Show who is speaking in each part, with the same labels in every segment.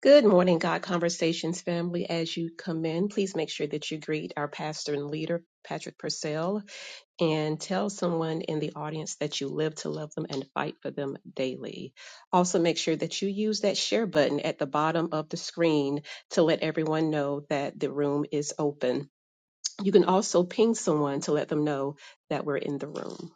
Speaker 1: Good morning, God Conversations family. As you come in, please make sure that you greet our pastor and leader, Patrick Purcell, and tell someone in the audience that you live to love them and fight for them daily. Also, make sure that you use that share button at the bottom of the screen to let everyone know that the room is open. You can also ping someone to let them know that we're in the room.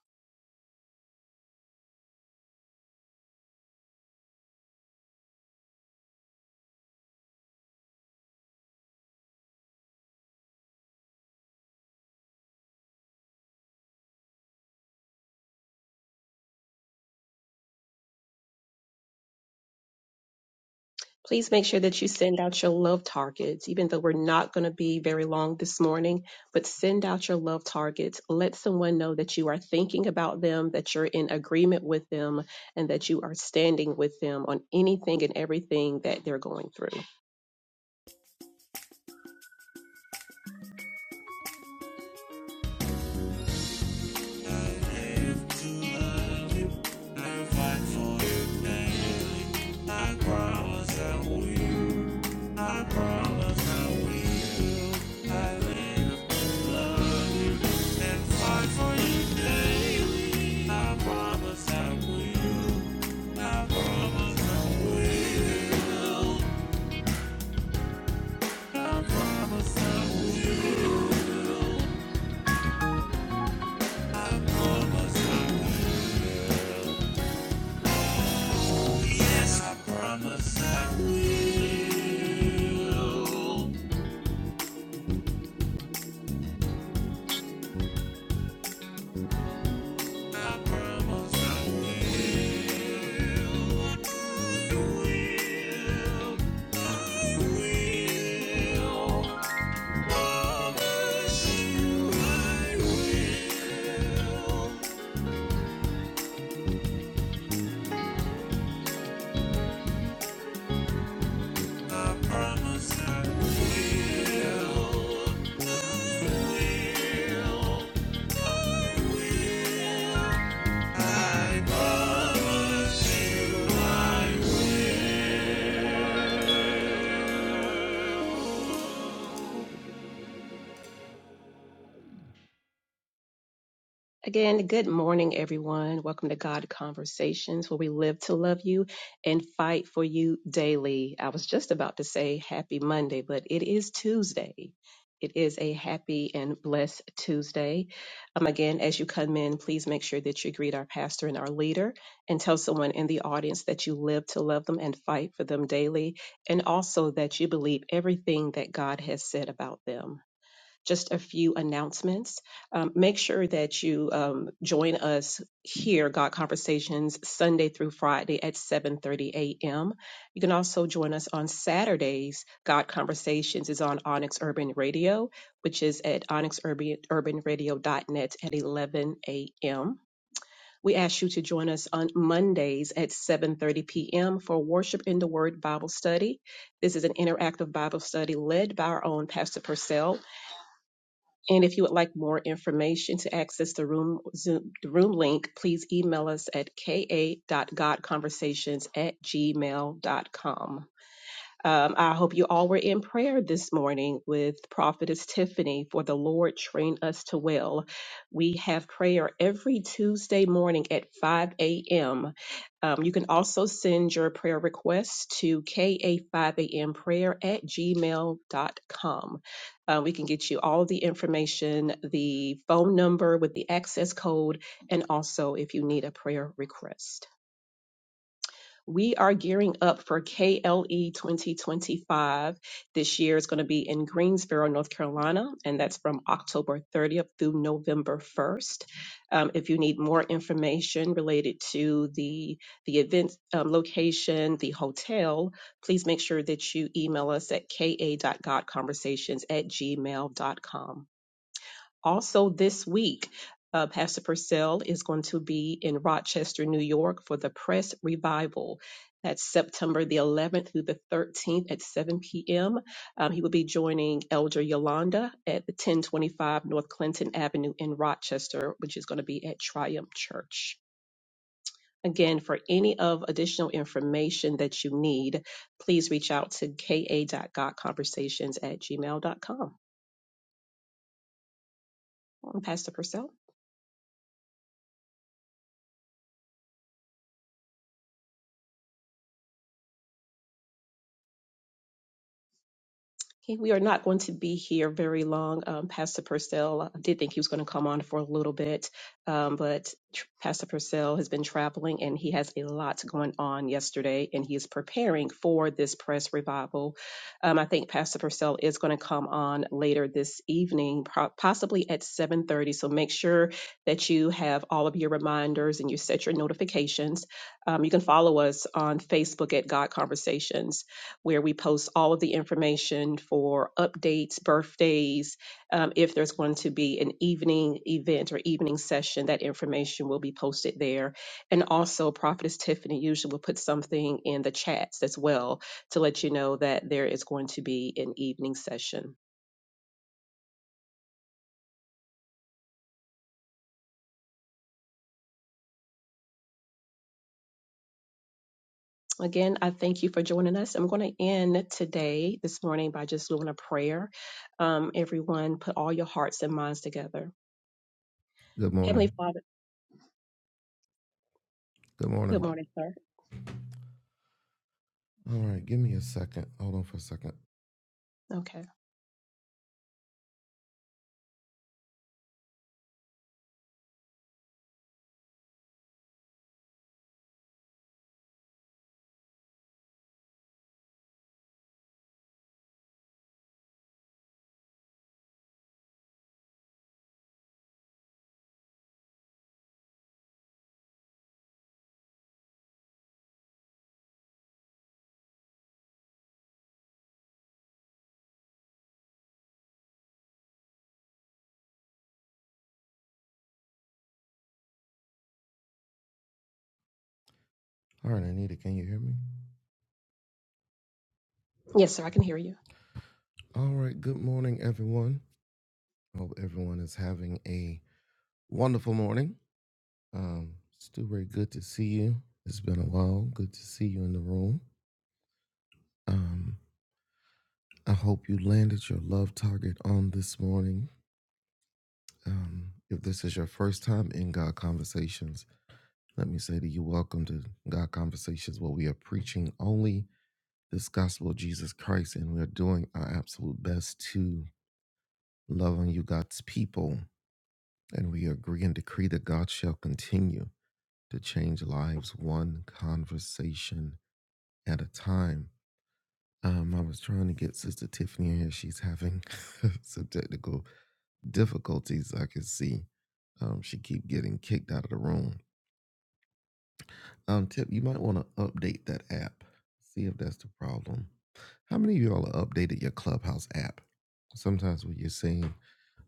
Speaker 1: Please make sure that you send out your love targets, even though we're not going to be very long this morning, but send out your love targets. Let someone know that you are thinking about them, that you're in agreement with them, and that you are standing with them on anything and everything that they're going through.
Speaker 2: I promise I will. I promise I will. I will. Promise. I promise I will. I promise you I will.
Speaker 1: Again, good morning, everyone. Welcome to God Conversations, where we live to love you and fight for you daily. I was just about to say happy Monday, but it is Tuesday. It is a happy and blessed Tuesday. Um, again, as you come in, please make sure that you greet our pastor and our leader and tell someone in the audience that you live to love them and fight for them daily, and also that you believe everything that God has said about them just a few announcements. Um, make sure that you um, join us here, God Conversations, Sunday through Friday at 7:30 a.m. You can also join us on Saturdays. God Conversations is on Onyx Urban Radio, which is at onyxurbanradio.net at 11 a.m. We ask you to join us on Mondays at 7:30 p.m. for Worship in the Word Bible Study. This is an interactive Bible study led by our own Pastor Purcell and if you would like more information to access the room Zoom, the room link, please email us at ka.godconversations at gmail.com. Um, I hope you all were in prayer this morning with Prophetess Tiffany for the Lord train us to well. We have prayer every Tuesday morning at 5 a.m. Um, you can also send your prayer requests to ka5amprayer at gmail.com. Uh, we can get you all the information, the phone number with the access code, and also if you need a prayer request. We are gearing up for KLE 2025. This year is going to be in Greensboro, North Carolina, and that's from October 30th through November 1st. Um, if you need more information related to the the event um, location, the hotel, please make sure that you email us at ka.godconversations at gmail.com. Also, this week, uh, Pastor Purcell is going to be in Rochester, New York for the Press Revival. That's September the 11th through the 13th at 7 p.m. Um, he will be joining Elder Yolanda at the 1025 North Clinton Avenue in Rochester, which is going to be at Triumph Church. Again, for any of additional information that you need, please reach out to ka.godconversations at gmail.com. Pastor Purcell. Okay, we are not going to be here very long. Um, Pastor Purcell, I did think he was going to come on for a little bit, um, but tr- Pastor Purcell has been traveling and he has a lot going on yesterday and he is preparing for this press revival. Um, I think Pastor Purcell is going to come on later this evening, pro- possibly at 7.30. So make sure that you have all of your reminders and you set your notifications. Um, you can follow us on Facebook at God Conversations where we post all of the information for updates, birthdays. Um, if there's going to be an evening event or evening session, that information will be posted there. And also, Prophetess Tiffany usually will put something in the chats as well to let you know that there is going to be an evening session. Again, I thank you for joining us. I'm going to end today, this morning, by just doing a prayer. Um, everyone, put all your hearts and minds together.
Speaker 2: Good
Speaker 1: Heavenly
Speaker 2: morning.
Speaker 1: Father,
Speaker 2: Good
Speaker 1: good
Speaker 2: morning.
Speaker 1: morning, sir.
Speaker 2: All right, give me a second. Hold on for a second.
Speaker 1: Okay.
Speaker 2: All right, Anita, can you hear me?
Speaker 1: Yes, sir, I can hear you.
Speaker 2: All right, good morning, everyone. Hope everyone is having a wonderful morning. Um, Stuart, good to see you. It's been a while. Good to see you in the room. Um, I hope you landed your love target on this morning. Um, if this is your first time in God Conversations, let me say to you, welcome to God Conversations, where we are preaching only this gospel of Jesus Christ, and we are doing our absolute best to love on you, God's people, and we agree and decree that God shall continue to change lives one conversation at a time. Um, I was trying to get Sister Tiffany in here. She's having some technical difficulties. I can see. Um, she keep getting kicked out of the room. Um, Tip, you might want to update that app. See if that's the problem. How many of y'all have updated your Clubhouse app? Sometimes when you're saying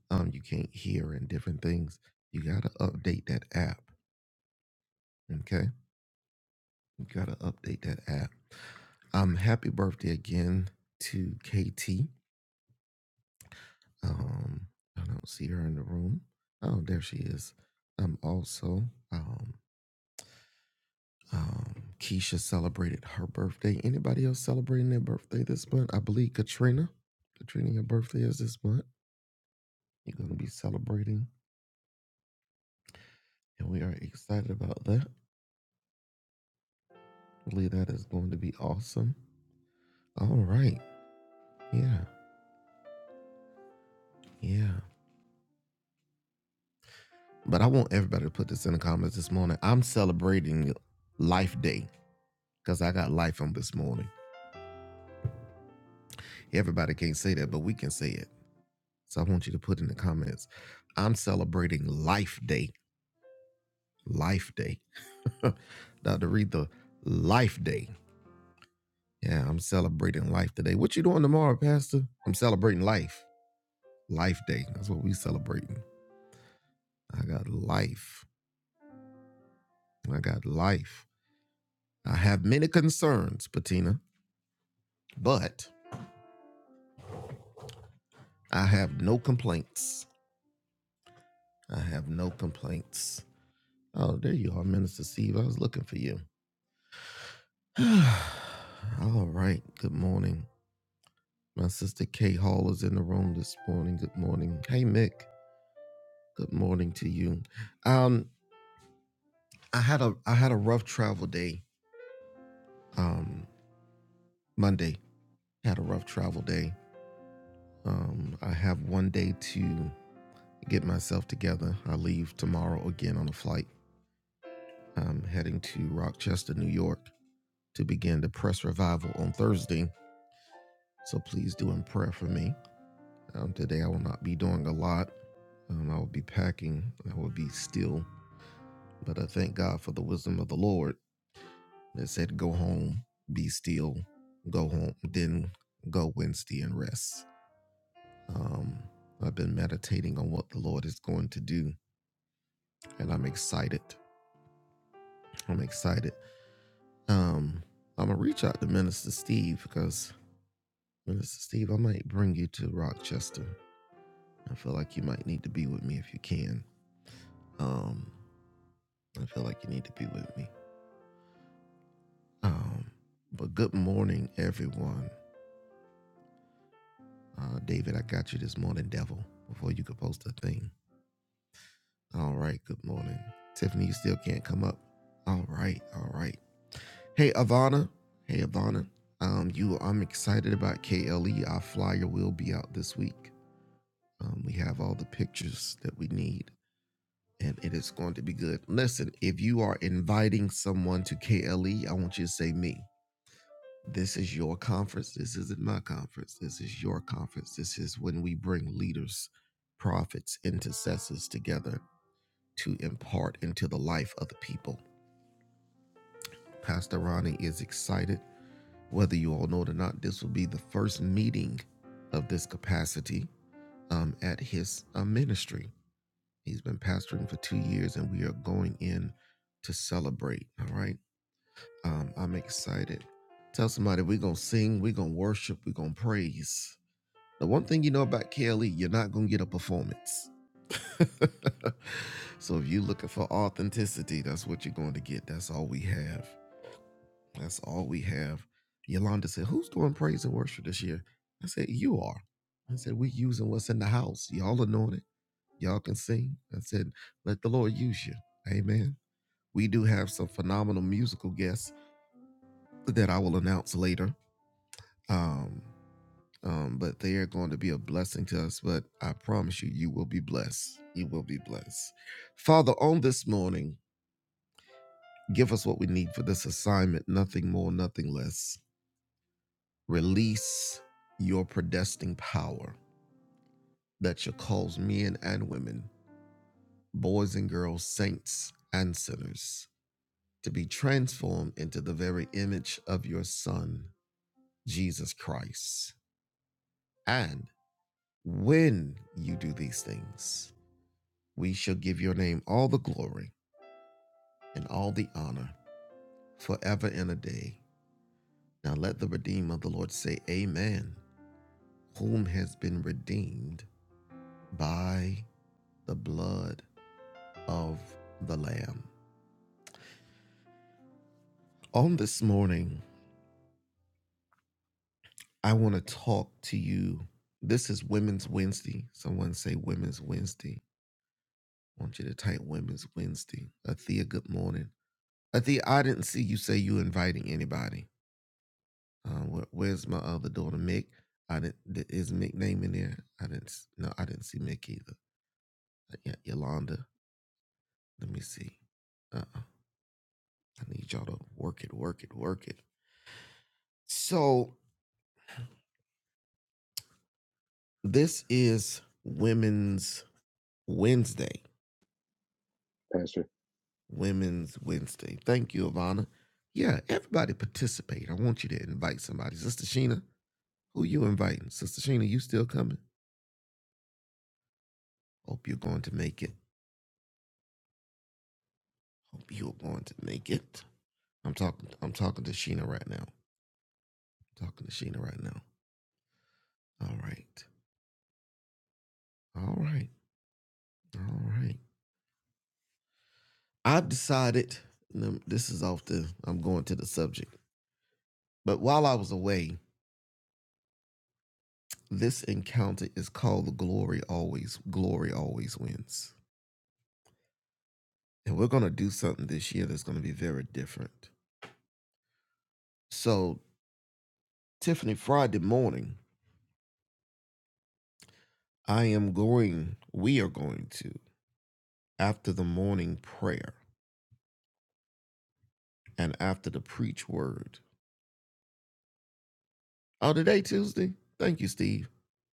Speaker 2: um you can't hear and different things, you gotta update that app. Okay, you gotta update that app. Um, happy birthday again to KT. Um, I don't see her in the room. Oh, there she is. Um, also, um, um, Keisha celebrated her birthday. Anybody else celebrating their birthday this month? I believe Katrina. Katrina, your birthday is this month. You're going to be celebrating, and we are excited about that. I believe that is going to be awesome. All right. Yeah. Yeah. But I want everybody to put this in the comments this morning. I'm celebrating Life Day because I got life on this morning. Everybody can't say that, but we can say it. So I want you to put in the comments. I'm celebrating Life Day. Life Day. Dr. Retha, Life Day. Yeah, I'm celebrating life today. What you doing tomorrow, Pastor? I'm celebrating life. Life Day. That's what we celebrating. I got life. I got life. I have many concerns, Patina, but I have no complaints. I have no complaints. Oh, there you are, Minister Steve. I was looking for you. All right. Good morning. My sister Kay Hall is in the room this morning. Good morning. Hey Mick. Good morning to you. Um, I had a I had a rough travel day. Um, Monday had a rough travel day. Um, I have one day to get myself together. I leave tomorrow again on a flight. I'm heading to Rochester, New York, to begin the press revival on Thursday. So please do in prayer for me. Um, today I will not be doing a lot. Um, I will be packing. I will be still But I thank God for the wisdom of the Lord that said, Go home, be still, go home, then go Wednesday and rest. Um, I've been meditating on what the Lord is going to do, and I'm excited. I'm excited. Um, I'm going to reach out to Minister Steve because, Minister Steve, I might bring you to Rochester. I feel like you might need to be with me if you can. Um, I feel like you need to be with me. Um, but good morning, everyone. Uh, David, I got you this morning, devil, before you could post a thing. All right, good morning. Tiffany, you still can't come up. All right, all right. Hey, Ivana. Hey, Ivana. Um, you, I'm excited about KLE. Our flyer will be out this week. Um, we have all the pictures that we need, and it is going to be good. Listen, if you are inviting someone to KLE, I want you to say me. This is your conference. This isn't my conference. This is your conference. This is when we bring leaders, prophets, intercessors together to impart into the life of the people. Pastor Ronnie is excited. Whether you all know it or not, this will be the first meeting of this capacity um, at his uh, ministry. He's been pastoring for two years, and we are going in to celebrate. All right. Um, I'm excited. Tell somebody we're going to sing, we're going to worship, we're going to praise. The one thing you know about KLE, you're not going to get a performance. so if you're looking for authenticity, that's what you're going to get. That's all we have. That's all we have. Yolanda said, Who's doing praise and worship this year? I said, You are. I said, We're using what's in the house. Y'all anointed. Y'all can sing. I said, Let the Lord use you. Amen. We do have some phenomenal musical guests that I will announce later. Um, um, but they are going to be a blessing to us. But I promise you, you will be blessed. You will be blessed. Father, on this morning, give us what we need for this assignment nothing more, nothing less. Release your predestined power that shall cause men and women, boys and girls, saints and sinners, to be transformed into the very image of your Son, Jesus Christ. And when you do these things, We shall give your name all the glory and all the honor forever and a day. Now let the redeemer of the Lord say, Amen, whom has been redeemed by the blood of the Lamb. On this morning, I want to talk to you. This is Women's Wednesday. Someone say Women's Wednesday. I want you to type Women's Wednesday. Athea, good morning. Athea, I didn't see you say you inviting anybody. Um, where, where's my other daughter, Mick? I didn't. Is Mick name in there? I didn't. No, I didn't see Mick either. Uh, Yolanda. Let me see. Uh, uh I need y'all to work it, work it, work it. So this is Women's Wednesday.
Speaker 3: Pastor.
Speaker 2: Women's Wednesday. Thank you, Ivana. Yeah, everybody participate. I want you to invite somebody. Sister Sheena, who you inviting? Sister Sheena, you still coming? Hope you're going to make it. Hope you're going to make it. I'm talking. I'm talking to Sheena right now. I'm talking to Sheena right now. All right. All right. All right. I've decided. This is off the. I'm going to the subject. But while I was away, this encounter is called the glory always. Glory always wins. And we're gonna do something this year that's gonna be very different. So Tiffany, Friday morning, I am going. We are going to after the morning prayer and after the preach word Oh, today Tuesday. Thank you, Steve.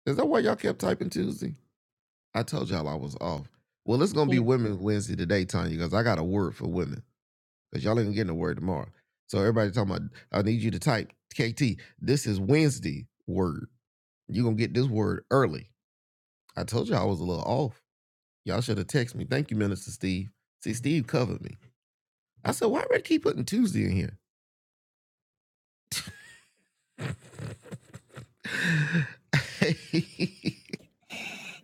Speaker 2: Is that why y'all kept typing Tuesday? I told y'all I was off. Well, it's gonna
Speaker 1: you
Speaker 2: be Women's Wednesday today, Tanya, because I got a word for women. Because y'all ain't getting a word tomorrow. So everybody talking about I need you to type KT. This is Wednesday word. You're gonna get this word early. I told y'all I was a little off. Y'all should have texted me. Thank you, Minister Steve. See, Steve covered me. I said, why would I keep putting Tuesday in here?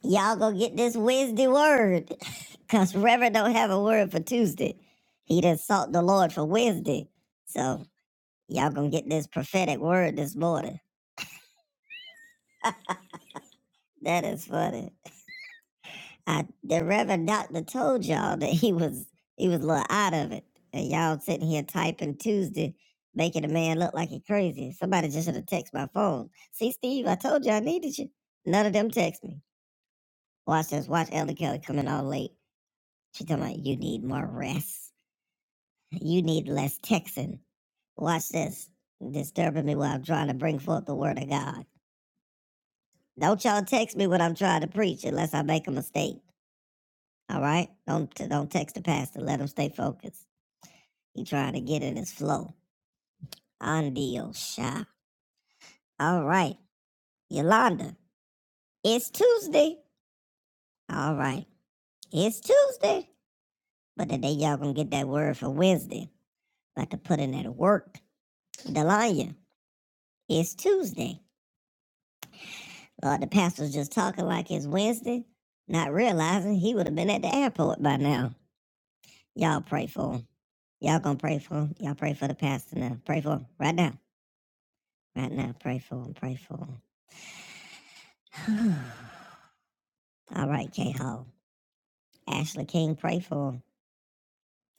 Speaker 2: Y'all go get this Wednesday word. Cause Reverend don't have a word for Tuesday. He done sought the Lord for Wednesday. So y'all gonna get this prophetic word this morning. That is funny. I, the Reverend Doctor told y'all that he was he was a little out of it. And y'all sitting here typing Tuesday, making a man look like he crazy. Somebody just should have texted my phone. See, Steve, I told you I needed you. None of them text me. Watch this, watch Elder Kelly coming all late. She talking about you need more rest. You need less texting. Watch this. Disturbing me while I'm trying to bring forth the word of God. Don't y'all text me when I'm trying to preach unless I make a mistake. All right? Don't don't text the pastor. Let him stay focused. He trying to get in his flow. Andio sha. All right. Yolanda, it's Tuesday. All right. It's Tuesday. But today y'all gonna get that word for Wednesday. About to put in that work. Delanya, it's Tuesday. Uh, the pastor's just talking like it's Wednesday, not realizing he would have been at the airport by now. Y'all pray for him. Y'all gonna pray for him. Y'all pray for the pastor now. Pray for him right now. Right now. Pray for him. Pray for him. All right, K Hall. Ashley King, pray for him.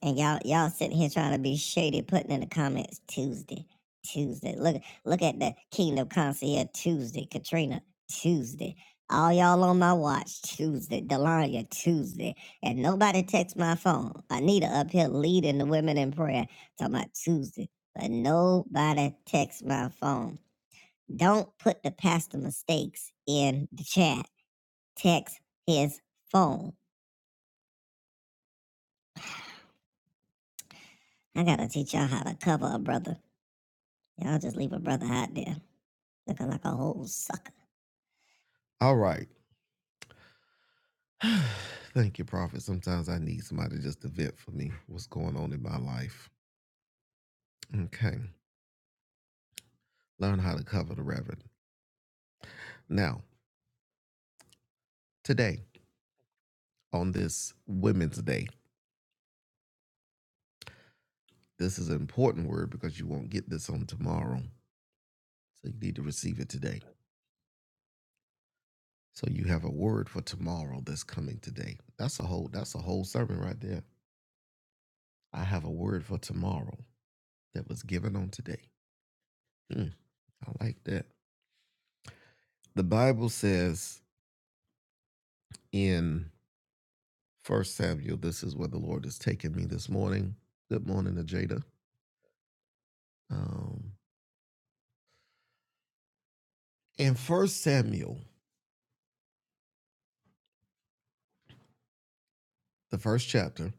Speaker 2: And y'all y'all sitting here trying to be shady, putting in the comments Tuesday, Tuesday. Look look at the Kingdom Concierge Tuesday, Katrina Tuesday. All y'all on my watch Tuesday, Delania Tuesday, and nobody texts my phone. Anita up here leading the women in prayer, talking about Tuesday, but nobody texts my phone. Don't put the pastor mistakes in the chat. Text his phone. I gotta teach y'all how to cover a brother. Y'all just leave a brother out there. Looking like a whole sucker. All right. Thank you, Prophet. Sometimes I need somebody just to vent for me what's going on in my life. Okay. Learn how to cover the reverend. Now, today, on this Women's Day, this is an important word because you won't get this on tomorrow. So you need to receive it today. So you have a word for tomorrow that's coming today. That's a whole that's a whole sermon right there. I have a word for tomorrow that was given on today. Hmm, I like that. The Bible says in First Samuel, this is where the Lord has taken me this morning. Good morning, Ajada. Um, in First Samuel, the first chapter,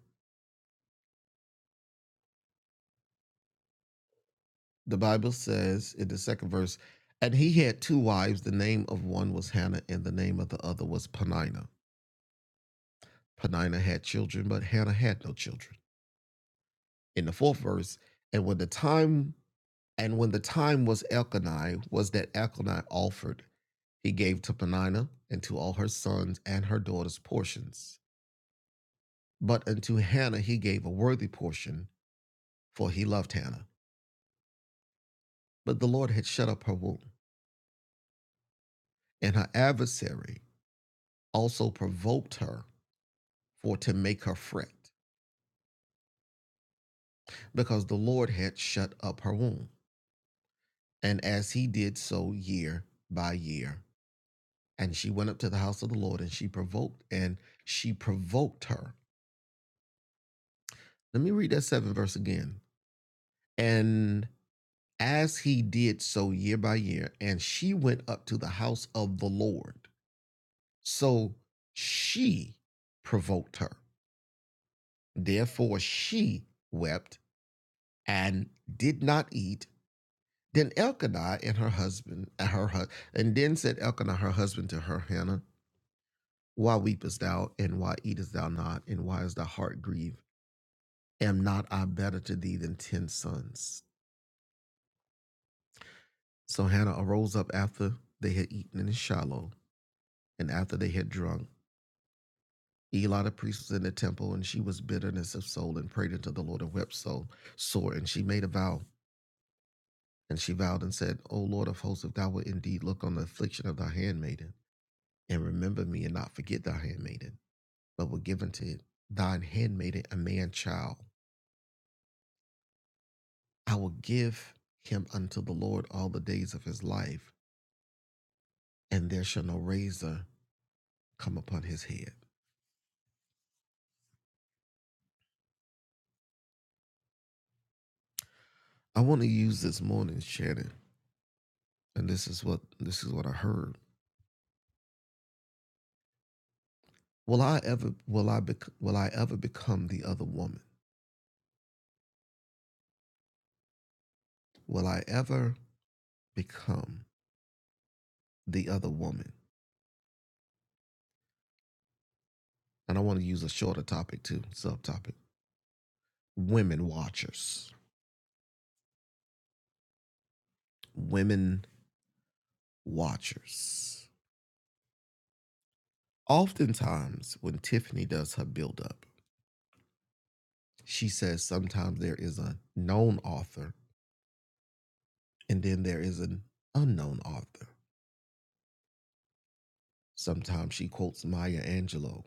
Speaker 2: the Bible says in the second verse, and he had two wives. The name of one was Hannah, and the name of the other was Penina. Penina had children, but Hannah had no children. In the fourth verse, and when the time and when the time was Elkanah, was that Elkanah offered, he gave to Penina and to all her sons and her daughters portions. But unto Hannah he gave a worthy portion, for he loved Hannah. But the Lord had shut up her womb, and her adversary also provoked her for to make her fret, because the Lord had shut up her womb. And as he did so year by year, and she went up to the house of the Lord, and she provoked, and she provoked her. Let me read that seven verse again. And as he did so year by year, and she went up to the house of the Lord So she provoked her. Therefore, she wept and did not eat. Then Elkanah and her husband, and her hu- and then said Elkanah her husband to her Hannah, Why weepest thou, and why eatest thou not, and why is thy heart grieved? Am not I better to thee than ten sons? So Hannah arose up after they had eaten in Shiloh, and after they had drunk, Eli the priest was in the temple, and she was bitterness of soul, and prayed unto the Lord and wept so sore. And she made a vow, and she vowed and said, O Lord of hosts, if thou wilt indeed look on the affliction of thy handmaiden, and remember me, and not forget thy handmaiden, but will give unto it thine handmaiden a man child, I will give him unto the Lord all the days of his life, and there shall no razor come upon his head. I want to use this morning's Shannon, and this is what this is what I heard Will I ever will I bec- will I ever become the other woman? Will I ever become the other woman? And I want to use a shorter topic too, subtopic. Women watchers. Women watchers. Oftentimes when Tiffany does her build up, she says sometimes there is a known author and then there is an unknown author. Sometimes she quotes Maya Angelou.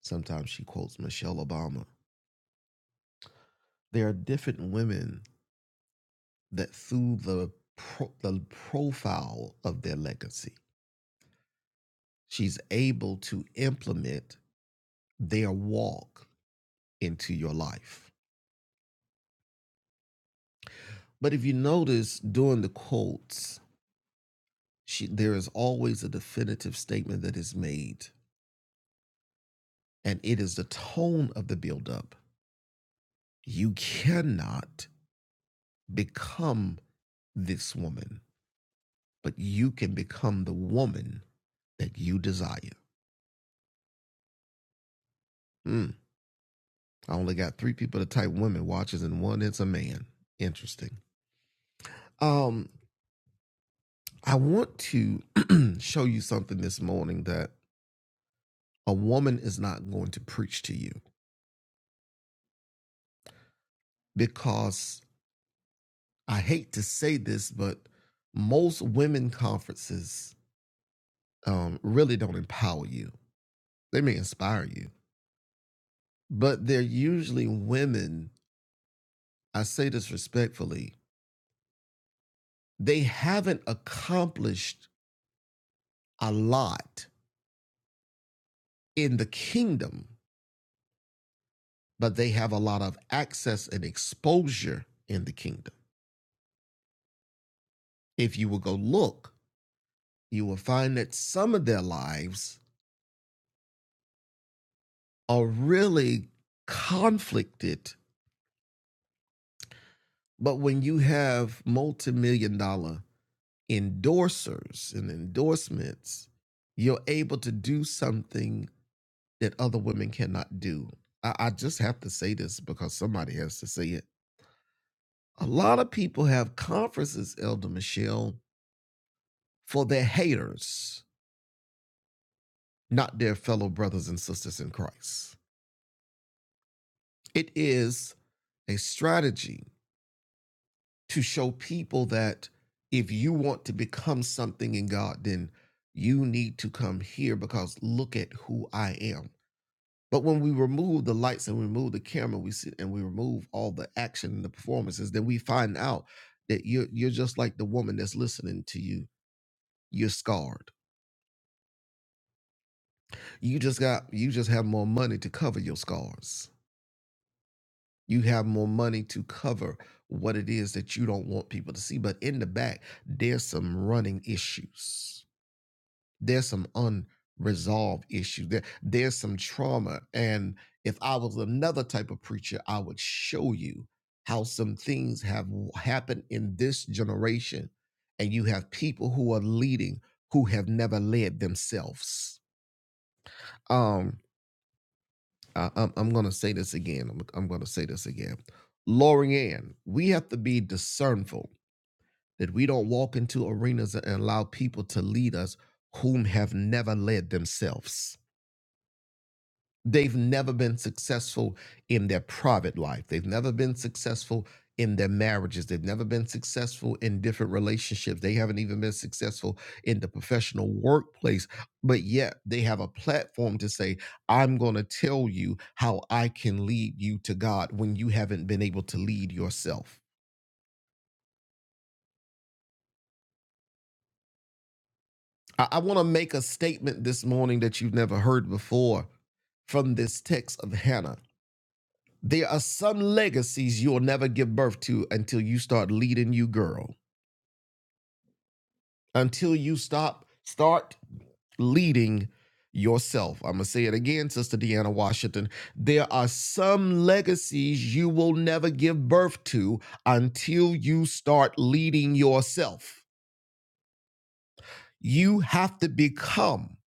Speaker 2: Sometimes she quotes Michelle Obama. There are different women that through the pro- the profile of their legacy, she's able to implement their walk into your life. But if you notice during the quotes, she, there is always a definitive statement that is made, and it is the tone of the buildup. You cannot become this woman, but you can become the woman that you desire. Mm. I only got three people to type women watches and one it's a man. Interesting. Um, I want to show you something this morning that a woman is not going to preach to you because I hate to say this, but most women conferences um, really don't empower you. They may inspire you, but they're usually women. I say this respectfully. They haven't accomplished a lot in the kingdom but they have a lot of access and exposure in the kingdom. If you will go look, you will find that some of their lives are really conflicted. But when you have multi million dollar endorsers and endorsements, you're able to do something that other women cannot do. I, I just have to say this because somebody has to say it. A lot of people have conferences, Elder Michelle, for their haters not their fellow brothers and sisters in Christ. It is a strategy to show people that if you want to become something in God, then you need to come here because look at who I am. But when we remove the lights and remove the camera, we sit and we remove all the action and the performances, then we find out that you're you're just like the woman that's listening to you. You're scarred. You just got you just have more money to cover your scars You have more money to cover what it is that you don't want people to see. But in the back, there's some running issues. There's some unresolved issues. There, there's some trauma. And if I was another type of preacher, I would show you how some things have happened in this generation. And you have people who are leading who have never led themselves. Um. I, I'm, I'm going to say this again. I'm, I'm going to say this again. Loriann. we have to be discernful that we don't walk into arenas and allow people to lead us whom have never led themselves. They've never been successful in their private life. They've never been successful in their marriages. They've never been successful in different relationships. They haven't even been successful in the professional workplace. But yet they have a platform to say, I'm going to tell you how I can lead you to God when you haven't been able to lead yourself. I, I want to make a statement this morning that you've never heard before from this text of Hannah. There are some legacies you'll never give birth to until you start leading you, girl. Until you stop, start leading yourself. I'm gonna say it again, Sister Deanna Washington. There are some legacies you will never give birth to until you start leading yourself. You have to become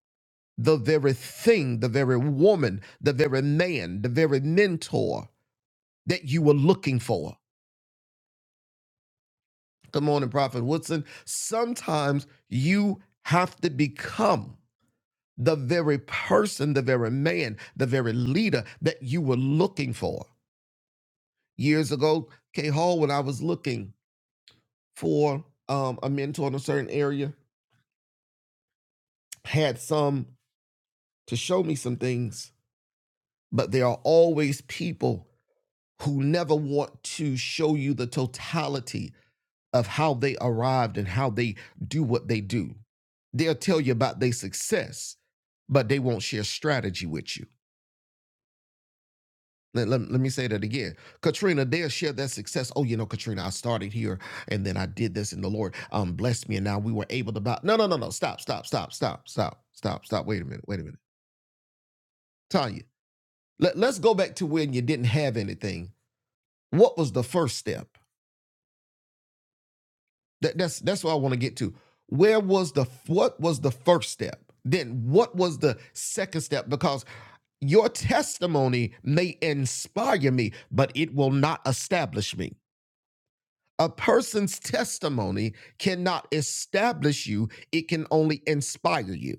Speaker 2: the very thing, the very woman, the very man, the very mentor that you were looking for. Good morning, Prophet Woodson. Sometimes you have to become the very person, the very man, the very leader that you were looking for. Years ago, K Hall, when I was looking for um, a mentor in a certain area, had some to show me some things, but there are always people who never want to show you the totality of how they arrived and how they do what they do. They'll tell you about their success, but they won't share strategy with you. Let, let, let me say that again. Katrina, they'll share that success. Oh, you know, Katrina, I started here and then I did this and the Lord um blessed me and now we were able to buy. No, no, no, no. Stop, stop, stop, stop, stop, stop, stop. Wait a minute. Wait a minute. Tanya, let, let's go back to when you didn't have anything. What was the first step? That, that's that's what I want to get to. Where was the what was the first step? Then what was the second step? Because your testimony may inspire me, but it will not establish me. A person's testimony cannot establish you, it can only inspire you.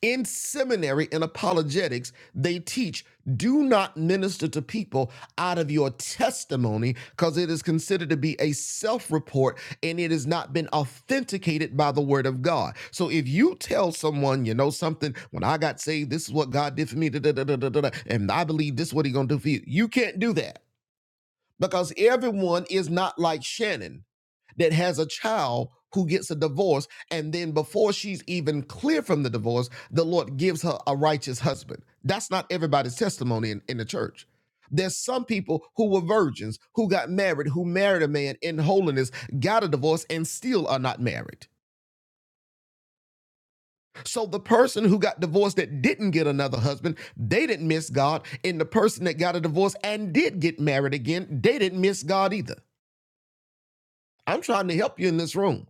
Speaker 2: In seminary and apologetics, they teach do not minister to people out of your testimony because it is considered to be a self report and it has not been authenticated by the word of God. So if you tell someone, you know, something, when I got saved, this is what God did for me, da, da, da, da, da, da, and I believe this is what He's going to do for you, you can't do that because everyone is not like Shannon that has a child who gets a divorce, and then before she's even clear from the divorce, the Lord gives her a righteous husband. That's not everybody's testimony in, in the church. There's some people who were virgins, who got married, who married a man in holiness, got a divorce, and still are not married. So the person who got divorced that didn't get another husband, they didn't miss God. And the person that got a divorce and did get married again, they didn't miss God either. I'm trying to help you in this room.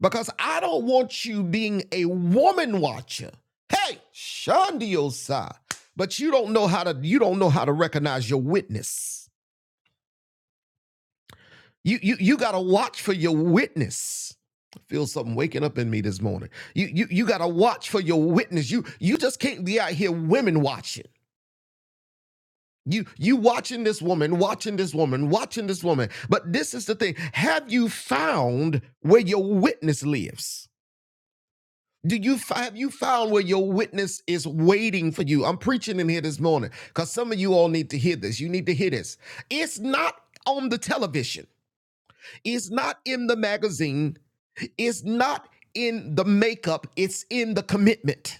Speaker 2: because I don't want you being a woman watcher. Hey, Shandiosa. But you don't know how to you don't know how to recognize your witness. You you you gotta watch for your witness. I feel something waking up in me this morning. You you you gotta watch for your witness. You you just can't be out here women watching. You you watching this woman, watching this woman, watching this woman. But this is the thing. Have you found where your witness lives? Do you have you found where your witness is waiting for you? I'm preaching in here this morning because some of you all need to hear this. You need to hear this. It's not on the television. It's not in the magazine. It's not in the makeup. It's in the commitment.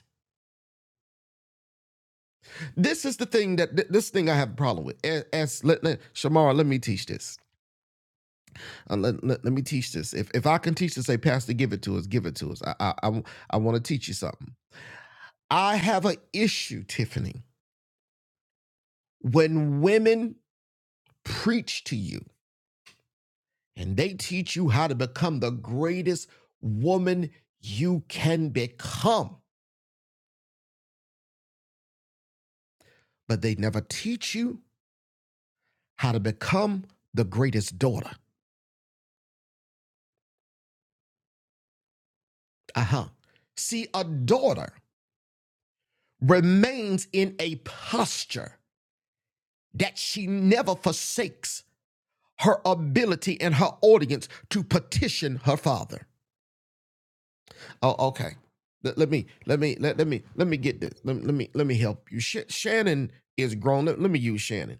Speaker 2: This is the thing that th- this thing I have a problem with. As, as let, let- Shamara, let me teach this. Uh, let, let, let me teach this. If if I can teach this, say, Pastor, give it to us. Give it to us. I I, I, I want to teach you something. I have an issue, Tiffany When women preach to you and they teach you how to become the greatest woman you can become, but they never teach you how to become the greatest daughter. Uh huh. See, a daughter remains in a posture that she never forsakes her ability and her audience to petition her father. Oh, okay. Let, let me let me let, let me let me get this. Let, let me let me help you. Sh- Shannon is grown. Let, let me use Shannon.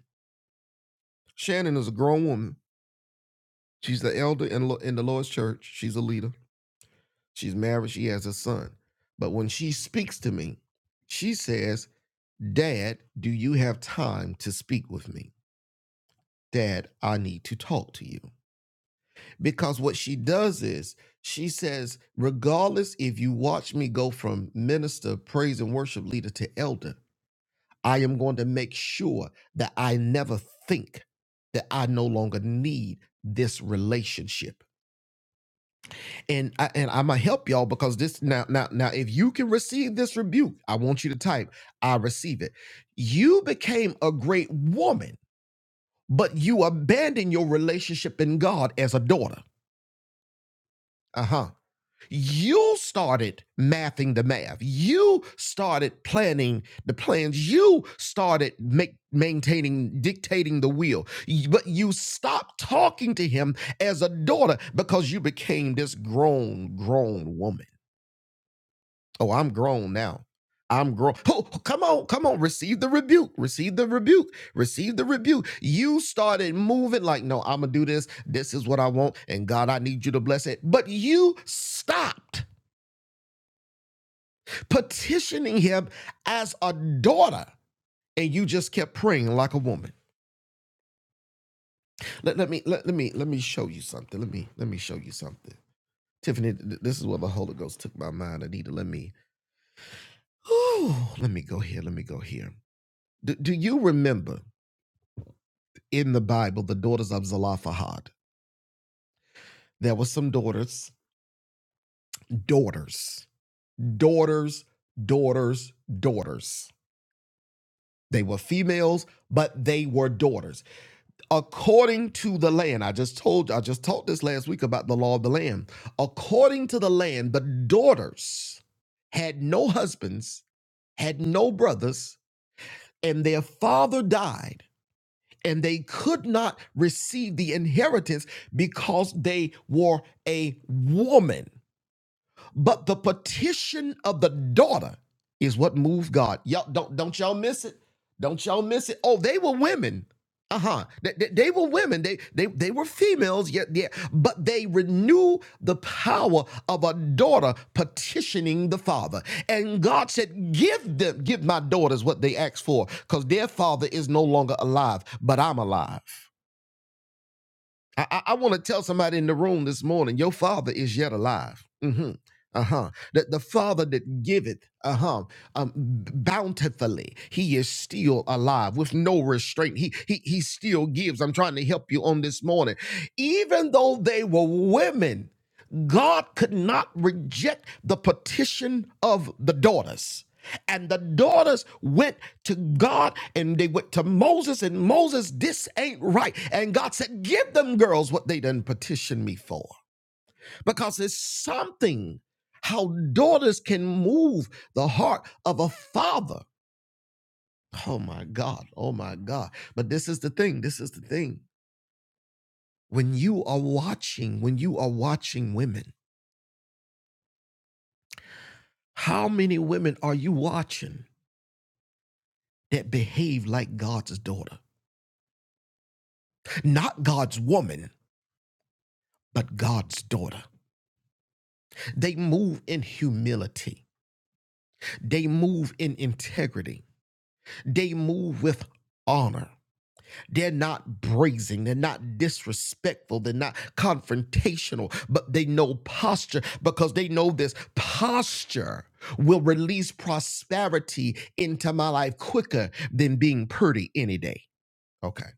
Speaker 2: Shannon is a grown woman. She's the elder in Lo- in the Lord's church. She's a leader. She's married. She has a son. But when she speaks to me, she says, "Dad, do you have time to speak with me?" Dad, I need to talk to you. Because what she does is she says, regardless if you watch me go from minister, praise and worship leader to elder, I am going to make sure that I never think that I no longer need this relationship. And I, and I'm gonna help y'all because this now now now if you can receive this rebuke, I want you to type I receive it. You became a great woman, but you abandoned your relationship in God as a daughter. Uh-huh. You started mathing the math. You started planning the plans. You started make, maintaining, dictating the will. But you stopped talking to him as a daughter because you became this grown, grown woman. Oh, I'm grown now. I'm grown. Oh, oh, come on, come on. Receive the rebuke. Receive the rebuke. Receive the rebuke. You started moving like, no, I'm going to do this. This is what I want. And God, I need you to bless it. But you stopped petitioning him as a daughter and you just kept praying like a woman let, let me let, let me let me show you something let me let me show you something tiffany this is where the holy ghost took my mind anita let me oh let me go here let me go here do, do you remember in the bible the daughters of zelophehad there were some daughters daughters daughters daughters daughters they were females but they were daughters according to the land i just told i just taught this last week about the law of the land according to the land the daughters had no husbands had no brothers and their father died and they could not receive the inheritance because they were a woman but the petition of the daughter is what moved God. Y'all don't don't y'all miss it. Don't y'all miss it. Oh, they were women. Uh-huh. They, they, they were women. They they they were females. Yeah, yeah. But they renew the power of a daughter petitioning the father. And God said, Give them, give my daughters what they asked for, because their father is no longer alive, but I'm alive. I, I, I want to tell somebody in the room this morning, your father is yet alive. hmm Uh-huh. That the father that giveth, uh-huh, um, bountifully, he is still alive with no restraint. He, he he still gives. I'm trying to help you on this morning. Even though they were women, God could not reject the petition of the daughters. And the daughters went to God and they went to Moses, and Moses, this ain't right. And God said, Give them girls what they done petition me for. Because it's something how daughters can move the heart of a father. Oh my God. Oh my God. But this is the thing. This is the thing. When you are watching, when you are watching women, how many women are you watching that behave like God's daughter? Not God's woman but God's daughter. They move in humility, they move in integrity, they move with honor. They're not brazen. They're not disrespectful. They're not confrontational, but they know posture because they know this posture will release prosperity into my life quicker than being pretty any day. Okay.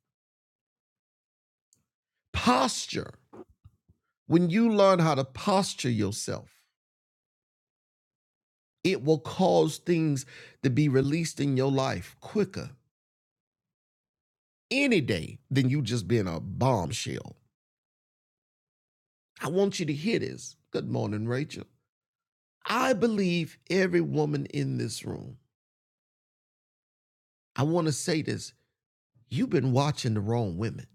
Speaker 2: Posture. When you learn how to posture yourself, It will cause things to be released in your life quicker any day than you just being a bombshell. I want you to hear this. Good morning, Rachel. I believe every woman in this room. I want to say this. You've been watching the wrong women.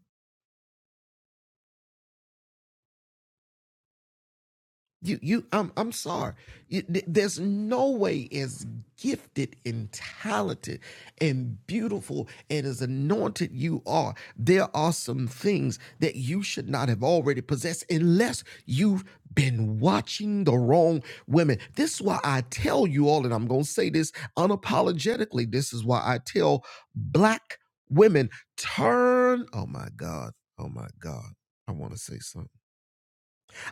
Speaker 2: You, you, I'm, I'm sorry. You, th- there's no way as gifted and talented and beautiful and as anointed you are. There are some things that you should not have already possessed unless you've been watching the wrong women. This is why I tell you all, and I'm going to say this unapologetically. This is why I tell black women turn. Oh my God. Oh my God. I want to say something.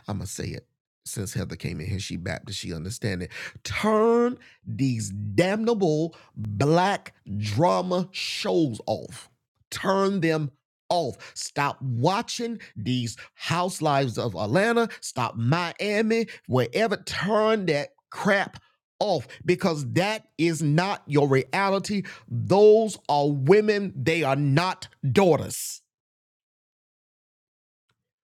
Speaker 2: I'm gonna say it. Since Heather came in here, she Baptist, she understand it. Turn these damnable black drama shows off. Turn them off. Stop watching these housewives of Atlanta. Stop Miami, wherever. Turn that crap off because that is not your reality. Those are women. They are not daughters.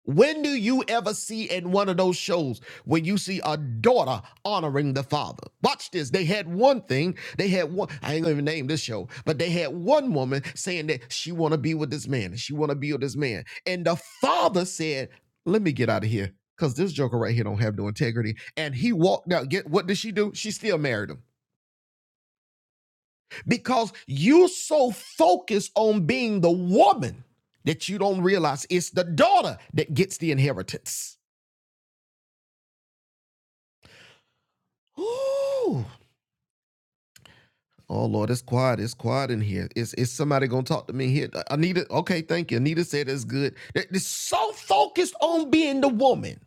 Speaker 2: When do you ever see in one of those shows where you see a daughter honoring the father? Watch this. They had one thing. They had one. I ain't gonna even name this show, but they had one woman saying that she want to be with this man and she want to be with this man, and the father said, "Let me get out of here." Cause this joker right here don't have no integrity. And he walked out. Get what did she do? She still married him. Because you so focused on being the woman that you don't realize it's the daughter that gets the inheritance. Ooh. Oh Lord, it's quiet. It's quiet in here. Is is somebody gonna talk to me here? Uh, Anita, okay, thank you. Anita said it's good. They- They're so focused on being the woman.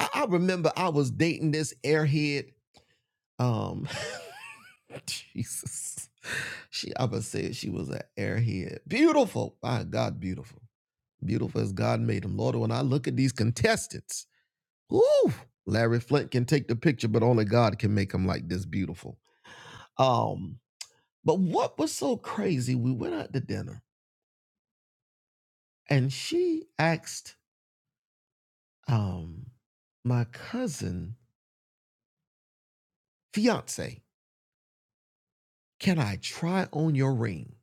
Speaker 2: I, I remember I was dating this airhead. Um, Jesus, she I would say she was an airhead. Beautiful, my God, beautiful, beautiful as God made them. Lord, when I look at these contestants, ooh, Larry Flint can take the picture, but only God can make them like this beautiful. Um, But what was so crazy, we went out to dinner and she asked um my cousin, fiance, can I try on your ring?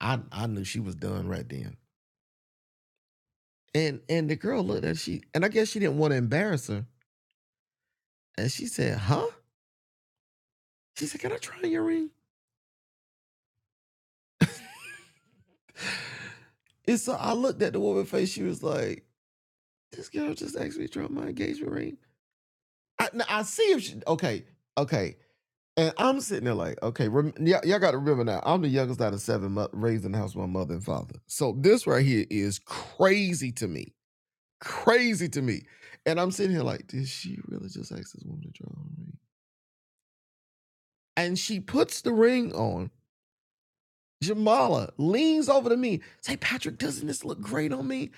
Speaker 2: I, I knew she was done right then. And and the girl looked at she and I guess she didn't want to embarrass her. And she said, huh? She said, Can I try on your ring? And so I looked at the woman face, she was like, This girl just asked me to try on my engagement ring. I, now, I see if she okay, okay. And I'm sitting there like, okay, rem- y'all, y'all got to remember now, I'm the youngest out of seven, mo- raised in the house with my mother and father. So this right here is crazy to me, crazy to me. And I'm sitting here like, did she really just ask this woman to draw on me? And she puts the ring on. Jamala leans over to me, say, Patrick, doesn't this look great on me?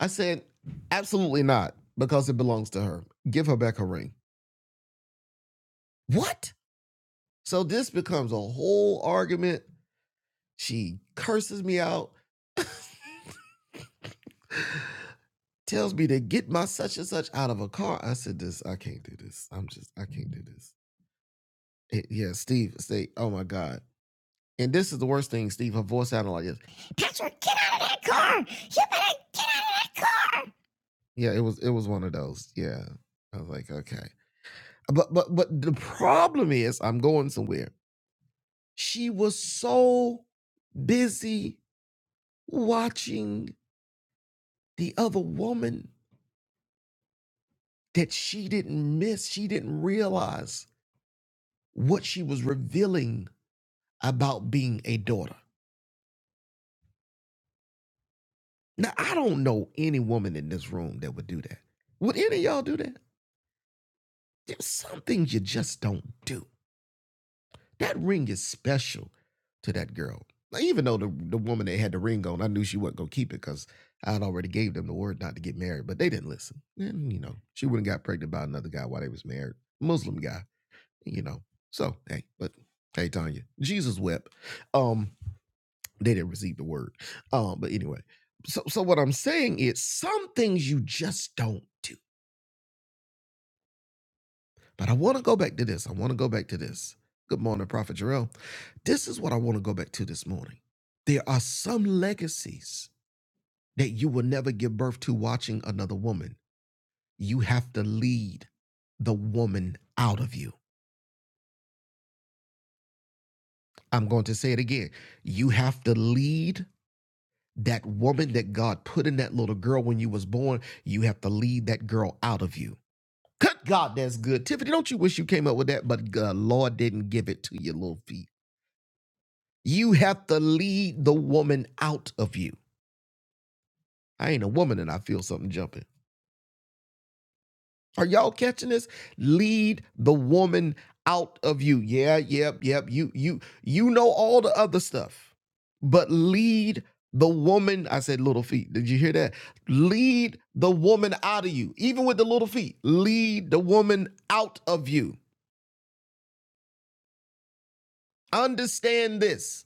Speaker 2: I said, absolutely not, because it belongs to her. Give her back her ring. What? So this becomes a whole argument. She curses me out. tells me to get my such and such out of a car. I said, This, I can't do this. I'm just, I can't do this. It- yeah, Steve, say, oh my God. And this is the worst thing, Steve. Her voice sounded like this. Patrick, get out of that car. You better get out of that car. Yeah, it was it was one of those. Yeah. I was like, okay. But but but the problem is I'm going somewhere. She was so busy watching the other woman that she didn't miss, she didn't realize what she was revealing about being a daughter. Now, I don't know any woman in this room that would do that. Would any of y'all do that? There's some things you just don't do. That ring is special to that girl. Now, even though the, the woman that had the ring on, I knew she wasn't going to keep it because I had already gave them the word not to get married, but they didn't listen. And, you know, she wouldn't got pregnant by another guy while they was married. Muslim guy, you know. So, hey, but hey, Tanya, Jesus wept. Um. They didn't receive the word. Um, but anyway, so so what I'm saying is some things you just don't do. But I want to go back to this. I want to go back to this. Good morning, Prophet Jarrell. This is what I want to go back to this morning. There are some legacies that you will never give birth to watching another woman. You have to lead the woman out of you. I'm going to say it again. You have to lead that woman that God put in that little girl when you was born. You have to lead that girl out of you. Good God, that's good. Tiffany, don't you wish you came up with that? But uh, Lord didn't give it to your little feet. You have to lead the woman out of you. I ain't a woman and I feel something jumping. Are y'all catching this? Lead the woman out of you. Yeah, yep, yep. You you you know all the other stuff. But lead the woman, I said little feet. Did you hear that? Lead the woman out of you. Even with the little feet, lead the woman out of you. Understand this.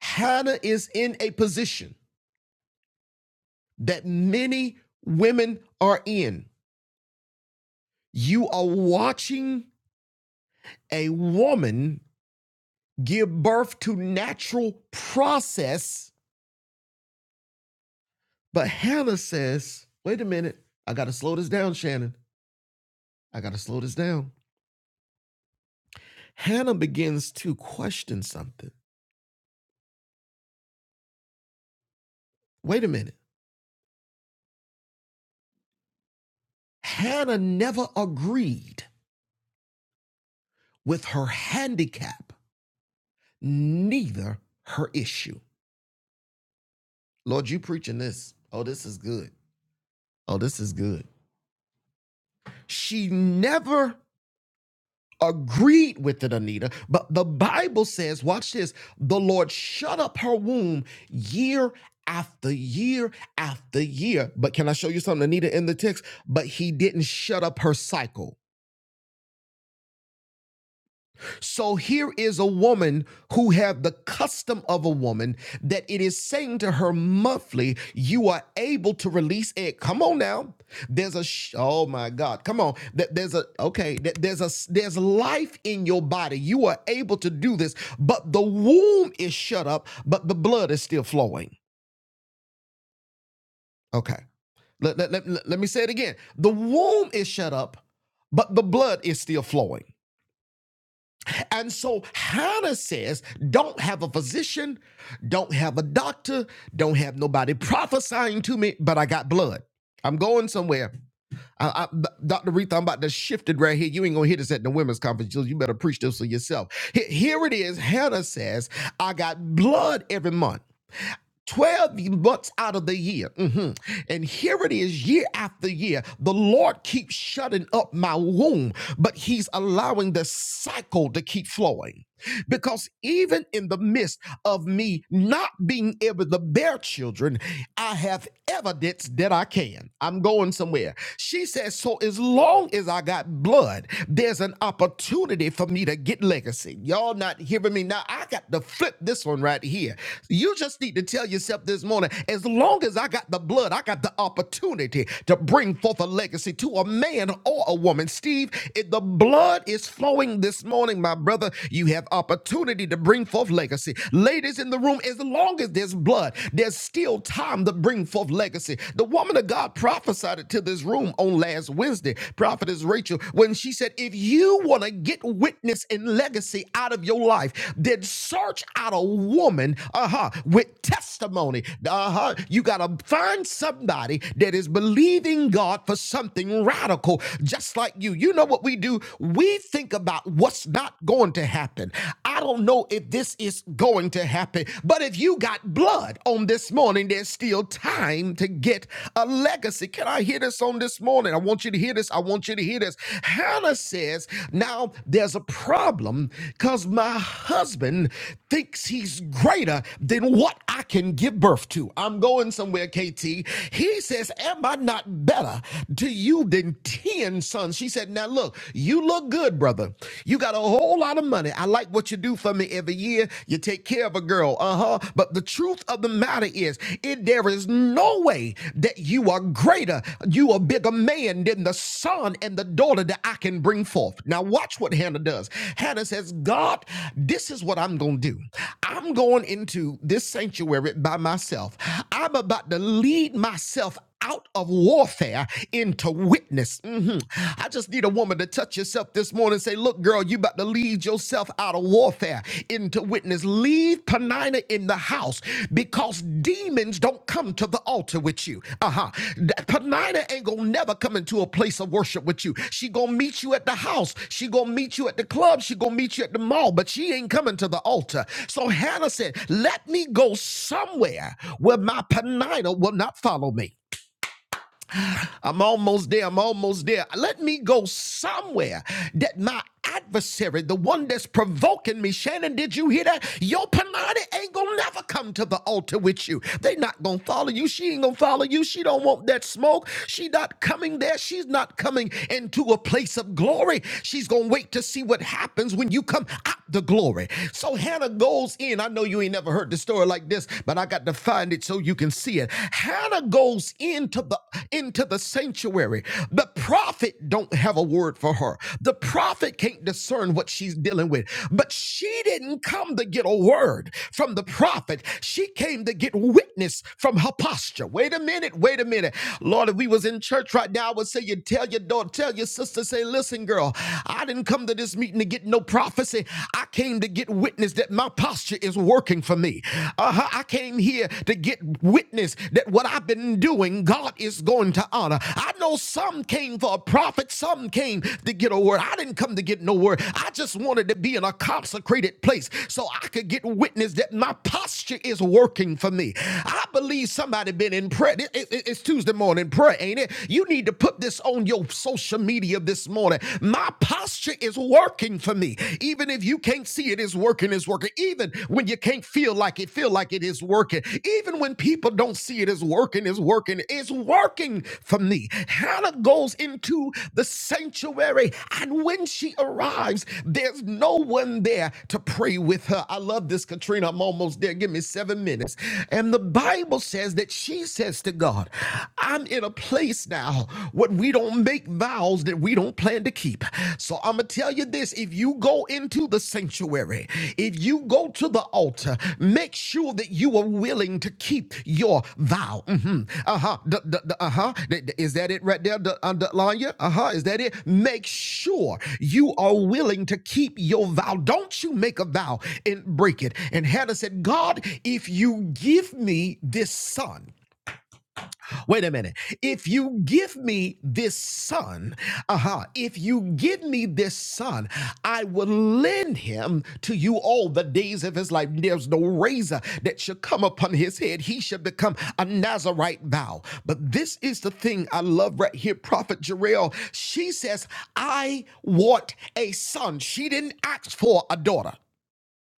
Speaker 2: Hannah is in a position that many women are in. You are watching a woman give birth to natural process, but Hannah says, wait a minute, I got to slow this down, Shannon. I got to slow this down. Hannah begins to question something. Wait a minute. Hannah never agreed with her handicap, neither her issue. Lord, you preaching this. Oh, this is good. Oh, this is good. She never agreed with it, Anita. But the Bible says, watch this the Lord shut up her womb year after year after year. But can I show you something, Anita, in the text? But he didn't shut up her cycle. So here is a woman who had the custom of a woman that it is saying to her monthly, you are able to release it. Come on now. There's a sh- oh my God. Come on. Th- There's a okay. There's a there's life in your body. You are able to do this, but the womb is shut up, but the blood is still flowing. Okay. Let, let, let, let me say it again. The womb is shut up, but the blood is still flowing. And so Hannah says, Don't have a physician, don't have a doctor, don't have nobody prophesying to me, but I got blood. I'm going somewhere. I, I- Dr. Reetha, I'm about to shift it right here. You ain't gonna hear this at the women's conference. You you better preach this for yourself. Here it is. Hannah says, I got blood every month. 12 months out of the year. Mhm. And here it is, year after year. The Lord keeps shutting up my womb, but He's allowing the cycle to keep flowing. Because even in the midst of me not being able to bear children, I have evidence that I can. I'm going somewhere. She says, So as long as I got blood, there's an opportunity for me to get legacy. Y'all not hearing me now? I got to flip this one right here. You just need to tell yourself this morning as long as I got the blood, I got the opportunity to bring forth a legacy to a man or a woman. Steve, if the blood is flowing this morning, my brother, you have opportunity to bring forth legacy. Ladies in the room, as long as there's blood, there's still time to bring forth legacy. The woman of God prophesied it to this room on last Wednesday, prophetess Rachel, when she said, If you want to get witness and legacy out of your life, then search out a woman, uh huh, with testimony. Uh huh. You got to find somebody that is believing God for something radical, just like you. You know what we do? do, we think about what's not going to happen. I don't know if this is going to happen, but if you got blood on this morning, there's still time to get a legacy. Can I hear this on this morning? I want you to hear this. I want you to hear this. Hannah says, Now there's a problem because my husband thinks he's greater than what I can give birth to. I'm going somewhere, KT. He says, Am I not better to you than 10? paying sons. She said, Now look, you look good, brother. You got a whole lot of money. I like what you do for me every year. You take care of a girl. Uh huh. But the truth of the matter is, it, there is no way that you are greater, you are bigger man than the son and the daughter that I can bring forth. Now, watch what Hannah does. Hannah says, God, this is what I'm going to do. I'm going into this sanctuary by myself. I'm about to lead myself out of warfare into witness. Mhm. I just need a woman to touch yourself this morning and say, Look, girl, you about to lead yourself out of warfare into witness. Leave Penina in the house because demons don't come to the altar with you. Uh huh. Penina ain't gonna never come into a place of worship with you. She gonna meet you at the house. She gonna meet you at the club. She gonna meet you at the mall, but she ain't coming to the altar. So Hannah said, Let me go somewhere where my Penina will not follow me. I'm almost there. I'm almost there. Let me go somewhere that my adversary, the one that's provoking me, Shannon, did you hear that? Your Panani ain't gonna never come to the altar with you. They not gonna follow you. She ain't gonna follow you. She don't want that smoke. She not coming there. She's not coming into a place of glory. She's gonna wait to see what happens when you come out the glory. So Hannah goes in. I know you ain't never heard the story like this, but I got to find it so so you can see it. Hannah goes into the into the sanctuary. The prophet don't have a word for her. The prophet can't discern what she's dealing with. But she didn't come to get a word from the prophet. She came to get witness from her posture. Wait a minute, wait a minute. Lord, if we was in church right now, I would say you tell your daughter, tell your sister, say, listen, girl, I didn't come to this meeting to get no prophecy. I came to get witness that my my posture is working for me. uh I came here to get witness that what I've been doing, God is going to honor. I know some came for a prophet, some came to get a word. I didn't come to get no word. I just wanted to be in a consecrated place so I could get witness that my posture is working for me. I believe somebody been in prayer. it- it- It's Tuesday morning prayer, ain't it? You need to put this on your social media this morning. My posture is is working for me. Even if you can't see it is working, is working. Even when you can't feel like it, feel like it is working. Even when people don't see it is working, is working, it's working for me. Hannah goes into the sanctuary, and when she arrives, there's no one there to pray with her. I love this, Katrina. I'm almost there. Give me seven minutes. And the Bible says that she says to God, I'm in a place now where but we don't make vows that we don't plan to keep. So I'm going to tell you this if you go into the sanctuary, if you go to the altar, make sure that you are willing to keep your vow. hmm Uh huh. Uh huh. Is that it right there, the- uh, the- Lanya? Uh huh. Is that it? Make sure you are willing to keep your vow. Don't you make a vow and break it. And Hannah said, God, if you give me this son, Wait a minute. If you give me this son, uh-huh, if you give me this son, I will lend him to you all the days of his life. There's no razor that shall come upon his head. He shall become a Nazarite vow. But this is the thing I love right here, Prophet Jarrell. She says, I want a son. She didn't ask for a daughter.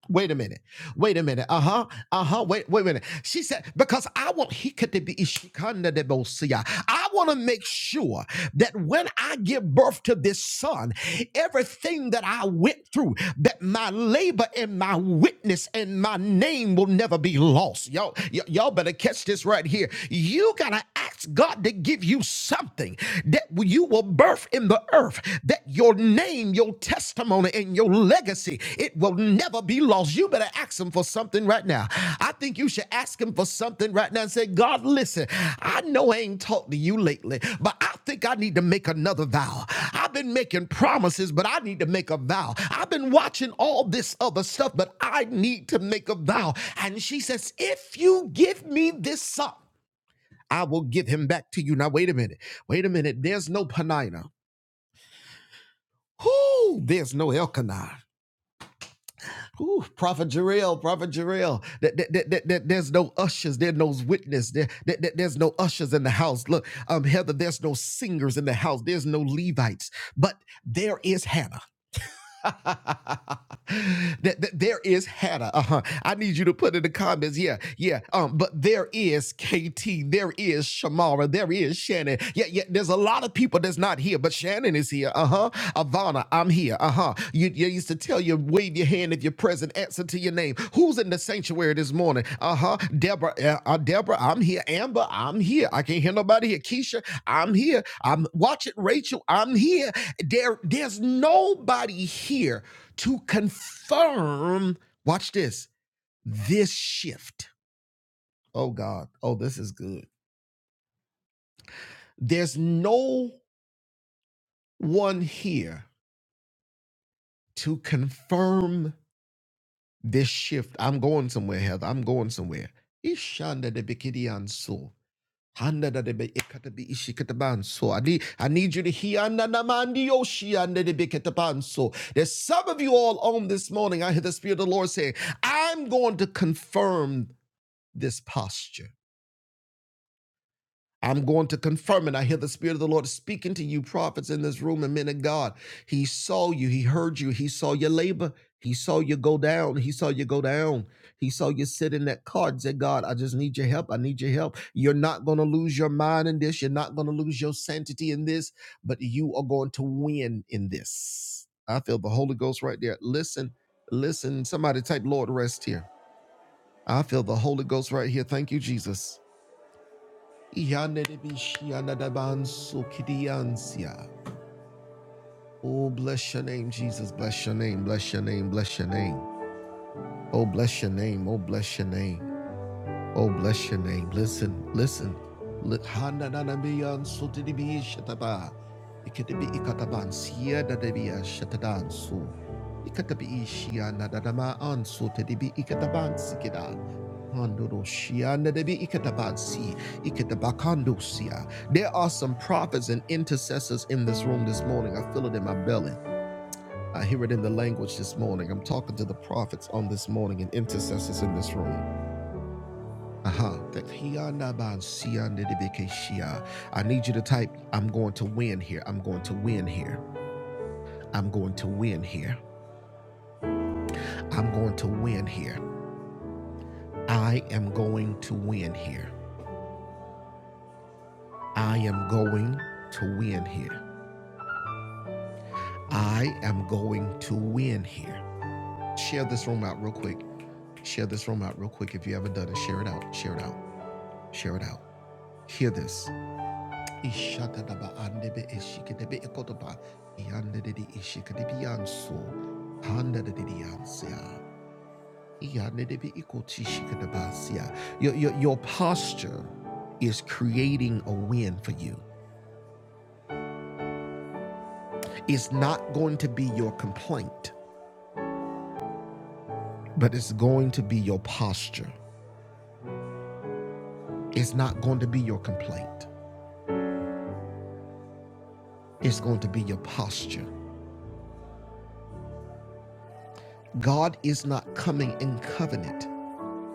Speaker 2: Wait a minute. Wait a minute. Uh huh. Uh huh. Wait. Wait a minute. She said because I want he could be ishikanda de bosia. I want to make sure that when I give birth to this son, everything that I went through, that my labor and my witness and my name will never be lost. Y'all, y- y'all better catch this right here. You gotta ask God to give you something that you will birth in the earth that your name, your testimony, and your legacy, it will never be lost. You better ask him for something right now. I think you should ask him for something right now and say, God, listen, I know I ain't talked to you lately, but I think I need to make another vow. I've been making promises, but I need to make a vow. I've been watching all this other stuff, but I need to make a vow. And she says, if you give me this son, I will give him back to you. Now, wait a minute. Wait a minute. There's no Penina. Who? There's no Elkanah. Ooh, Prophet Jarrell, Prophet Jarrell. That, that, that, that, that- there's no ushers. There's no witness. There, there there's no ushers in the house. Look, um, Heather, there's no singers in the house. There's no Levites. But there is Hannah. that, that there is Hannah. Uh-huh. I need you to put in the comments. Yeah, yeah. Um, but there is KT. There is Shamara. There is Shannon. Yeah, yeah. There's a lot of people that's not here, but Shannon is here. Uh huh. Ivana, I'm here. Uh huh. You. You used to tell you, wave your hand if you're present, answer to your name. Who's in the sanctuary this morning? Uh huh. Deborah, uh, uh, Deborah, I'm here. Amber, I'm here. I can't hear nobody here. Keisha, I'm here. I'm watch it. Rachel, I'm here. There, there's nobody here to confirm. Watch this. This shift. Oh God. Oh, this is good. There's no one here to confirm This shift, I'm going somewhere, Heather. I'm going somewhere. Ishanda de bikidian so. Handa da de be- ikata bi ishikataban so. I need I need you to hear anda na mandi yoshi anda de bikataban so. There's some of you all on this morning. I hear the Spirit of the Lord saying, I'm going to confirm this posture. I'm going to confirm it. I hear the Spirit of the Lord speaking to you, prophets in this room and men of God. He saw you. He heard you. He saw your labor. He saw you go down. He saw you go down. He saw you sit in that car and say, God, I just need your help. I need your help. You're not going to lose your mind in this. You're not going to lose your sanctity in this, but you are going to win in this. I feel the Holy Ghost right there. Listen, listen. Somebody type Lord rest here. I feel the Holy Ghost right here. Thank you, Jesus. Oh, bless your name, Jesus. Bless your name. Bless your name. Bless your name. Oh, bless your name. Oh, bless your name. Oh, bless your name. Listen, listen. Li- Hanananabiyan sotiribi shataba. Ikatabi ikataban siya dadabiya shatadan su. Ikatabi ishiya nadadama an sotiribi ikataban sikida. Handoro shiya nadabi ikataban si. Ikatabakando siya. There are some prophets and intercessors in this room this morning. I feel it in my belly. I hear it in the language this morning. I'm talking to the prophets on this morning and intercessors in this room. Uh-huh. That Hiyanaban Siyanidibikeshia. I need you to type, I'm going to win here. I'm going to win here. I'm going to win here. I'm going to win here. I am going to win here. I am going to win here. I am going to win here. Share this room out real quick. Share this room out real quick. If you haven't done it, share it out. Share it out. Share it out. Hear this. Ishakadaba andebe eshikadebe ekotoba iandededi ishikadebi anso handededi ansia iandedebi ikotishikadabasia. Your, your, your posture is creating a win for you. It's not going to be your complaint, but it's going to be your posture. It's not going to be your complaint. It's going to be your posture. God is not coming in covenant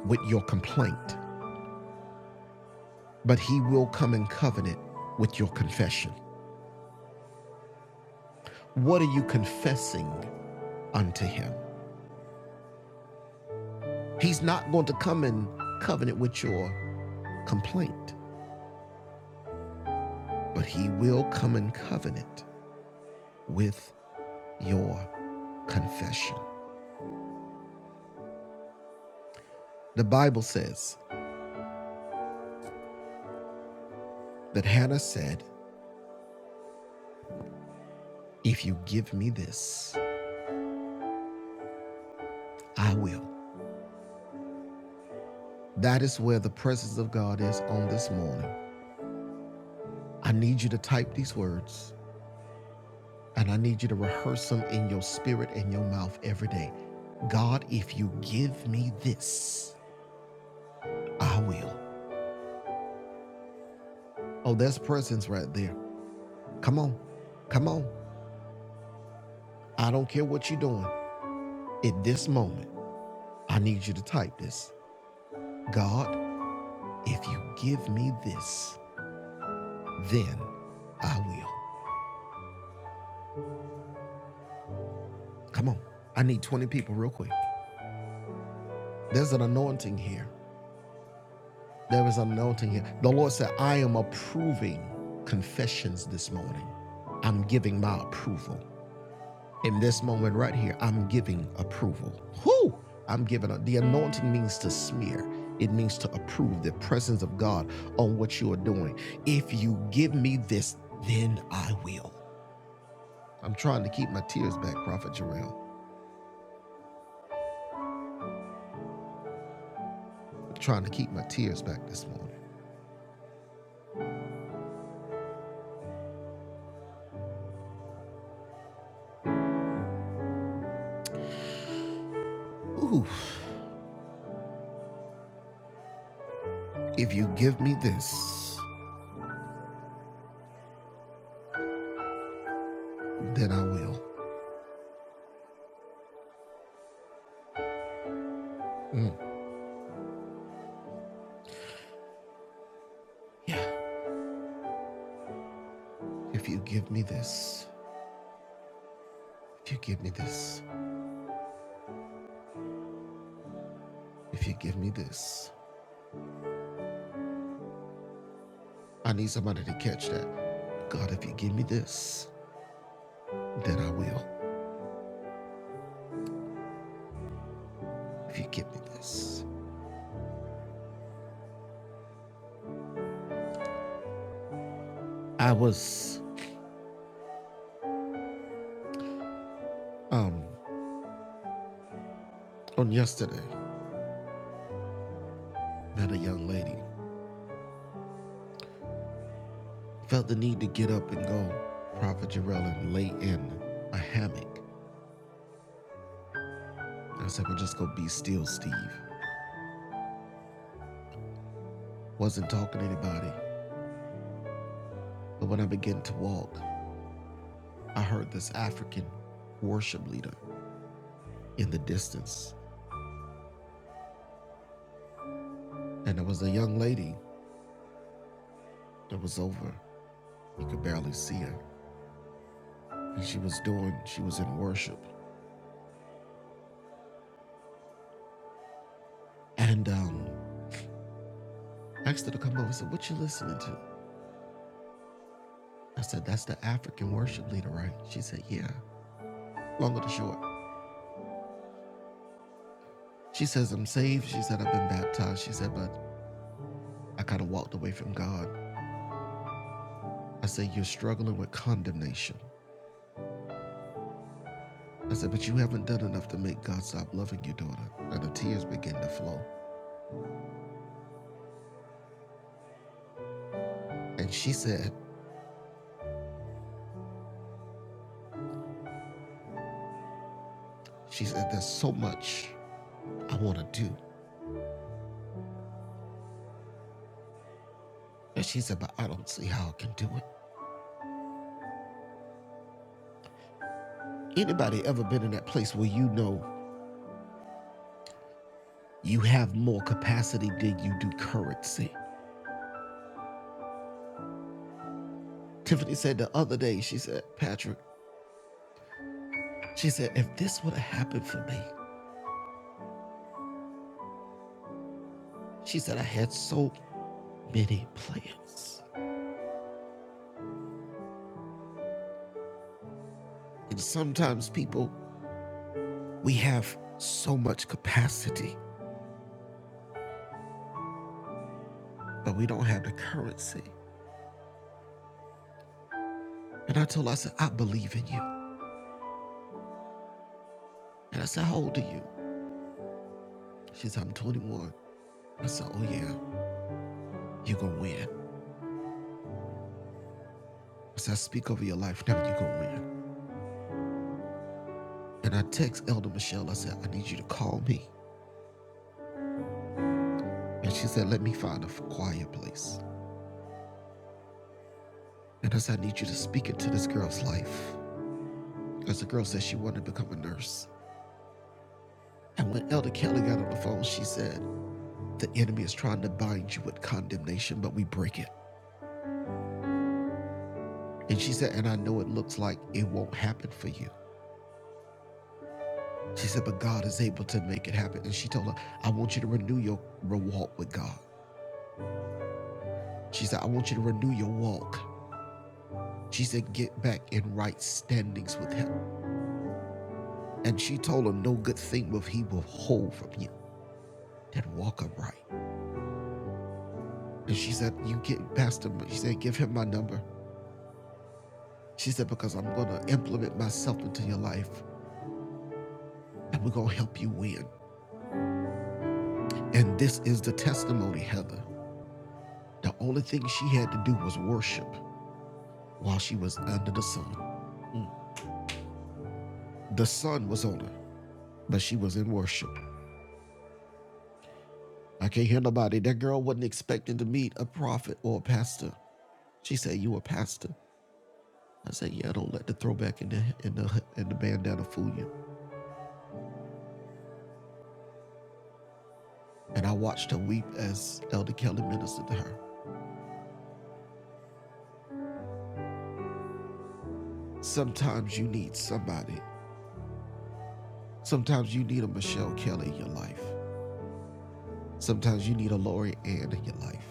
Speaker 2: with your complaint. but he will come in covenant with your confession. What are you confessing unto him? He's not going to come in covenant with your complaint, but he will come in covenant with your confession. The Bible says that Hannah said, If you give me this, I will. That is where the presence of God is on this morning. I need you to type these words And I need you to rehearse them in your spirit and your mouth every day. God, if you give me this, I will. Oh, that's presence right there. Come on. Come on. I don't care what you're doing. At this moment, I need you to type this God, if you give me this, then I will. Come on. I need 20 people real quick. There's an anointing here. There is anointing here. The Lord said, I am approving confessions this morning. I'm giving my approval. In this moment right here, I'm giving approval. Whoo! I'm giving a, the anointing means to smear. It means to approve the presence of God on what you are doing. If you give me this, then I will. I'm trying to keep my tears back, Prophet Jarrell. I'm trying to keep my tears back this morning. Ooh, if you give me this, then I will. Mm. Yeah. If you give me this, if you give me this, if you give me this, I need somebody to catch that. God, if you give me this, then I will. If you give me this. I was um on yesterday, met a young lady. Felt the need to get up and go. Prophet Jarrell and lay in a hammock. I said, well, just go be still, Steve. Wasn't talking to anybody. But when I began to walk, I heard this African worship leader in the distance. And there was a young lady that was over. You could barely see her. And she was doing, she was in worship. And um, I asked her to come over. I said, What you listening to? I said, That's the African worship leader, right? She said, Yeah. Long or the short. She says, I'm saved. She said, I've been baptized. She said, But I kind of walked away from God. I said, You're struggling with condemnation. I said, But you haven't done enough to make God stop loving you, daughter. And the tears began to flow. And she said, She said, There's so much I want to do. And she said, But I don't see how I can do it. Anybody ever been in that place where you know you have more capacity than you do currency? Tiffany said the other day, she said, Patrick, she said, if this would have happened for me, she said, I had so many plans. And sometimes people, we have so much capacity, but we don't have the currency. And I told her, I said, I believe in you. And I said, How old are you? She said, I'm 21. I said, Oh, yeah, you're going to win. I said, I speak over your life now, you're going to win. And I text Elder Michelle, I said, I need you to call me. And she said, let me find a quiet place. And I said, I need you to speak into this girl's life. Because the girl said she wanted to become a nurse. And when Elder Kelly got on the phone, she said, the enemy is trying to bind you with condemnation, but we break it. And she said, and I know it looks like it won't happen for you. She said, but God is able to make it happen. And she told her, I want you to renew your walk with God. She said, I want you to renew your walk. She said, Get back in right standings with him. And she told him, No good thing will he withhold from you that walk upright. And she said, You get past him. She said, Give him my number. She said, Because I'm going to implement myself into your life and we're going to help you win. And this is the testimony, Heather. The only thing she had to do was worship while she was under the sun. The sun was on her, but she was in worship. I can't hear nobody. That girl wasn't expecting to meet a prophet or a pastor. She said, You a pastor. I said, "Yeah, don't let the throwback in the in the and the bandana fool you." And I watched her weep as Elder Kelly ministered to her. Sometimes you need somebody. Sometimes you need a Michelle Kelly in your life. Sometimes you need a Lori Ann in your life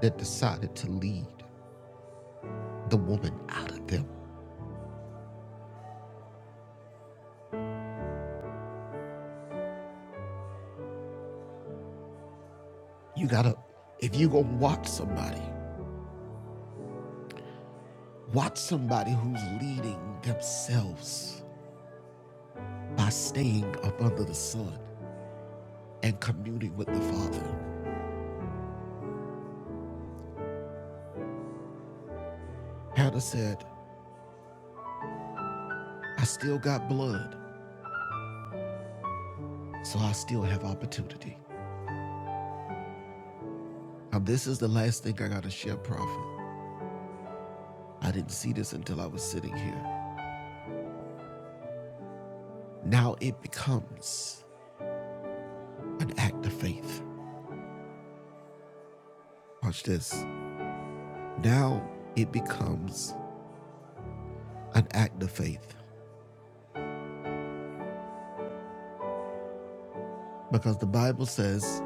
Speaker 2: that decided to lead the woman out of them. You gotta, if you gonna watch somebody, watch somebody who's leading themselves by staying up under the sun and communing with the Father. Hannah said, I still got blood, so I still have opportunity. Now, this is the last thing I got to share, Prophet. I didn't see this until I was sitting here. Now it becomes an act of faith. Watch this. Now it becomes an act of faith because the Bible says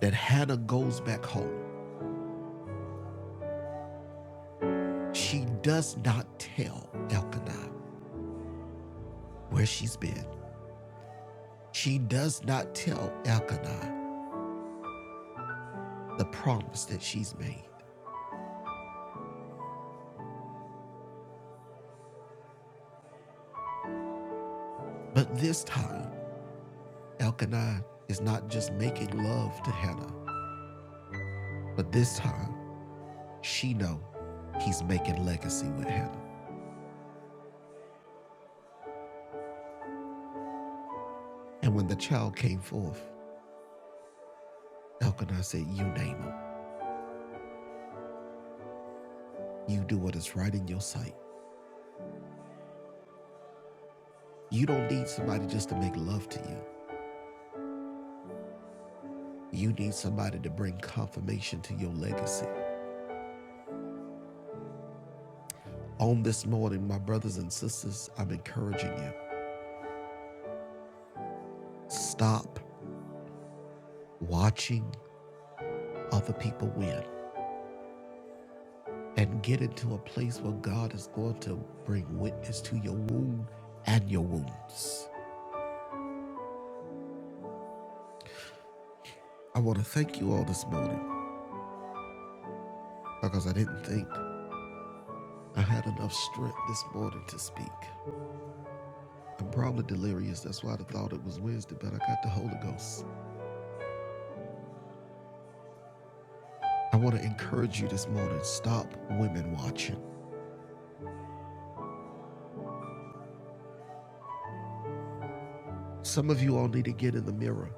Speaker 2: that Hannah goes back home. She does not tell Elkanah where she's been. She does not tell Elkanah the promise that she's made. But this time, Elkanah is not just making love to Hannah, but this time she know he's making legacy with Hannah. And when the child came forth, Elkanah said, "You name him. You do what is right in your sight. You don't need somebody just to make love to you. You need somebody to bring confirmation to your legacy." On this morning, my brothers and sisters, I'm encouraging you. Stop watching other people win and get into a place where God is going to bring witness to your wound and your wounds. I want to thank you all this morning because I didn't think I had enough strength this morning to speak. I'm probably delirious. That's why I thought it was Wednesday, but I got the Holy Ghost. I want to encourage you this morning stop women watching. Some of you all need to get in the mirror,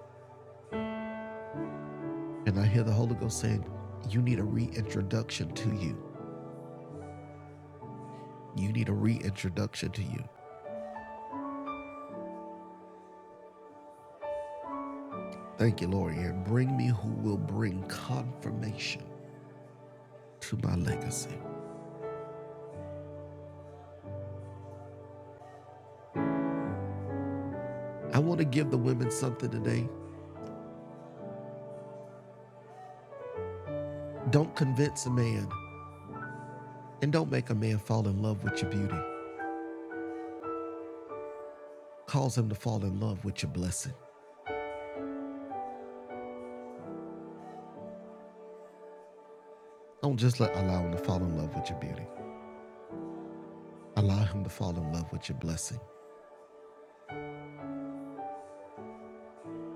Speaker 2: and I hear the Holy Ghost saying, You need a reintroduction to you. You need a reintroduction to you. Thank you, Lord. And bring me who will bring confirmation to my legacy. I want to give the women something today. Don't convince a man and don't make a man fall in love with your beauty. Cause him to fall in love with your blessing. Don't just let, allow him to fall in love with your beauty. Allow him to fall in love with your blessing.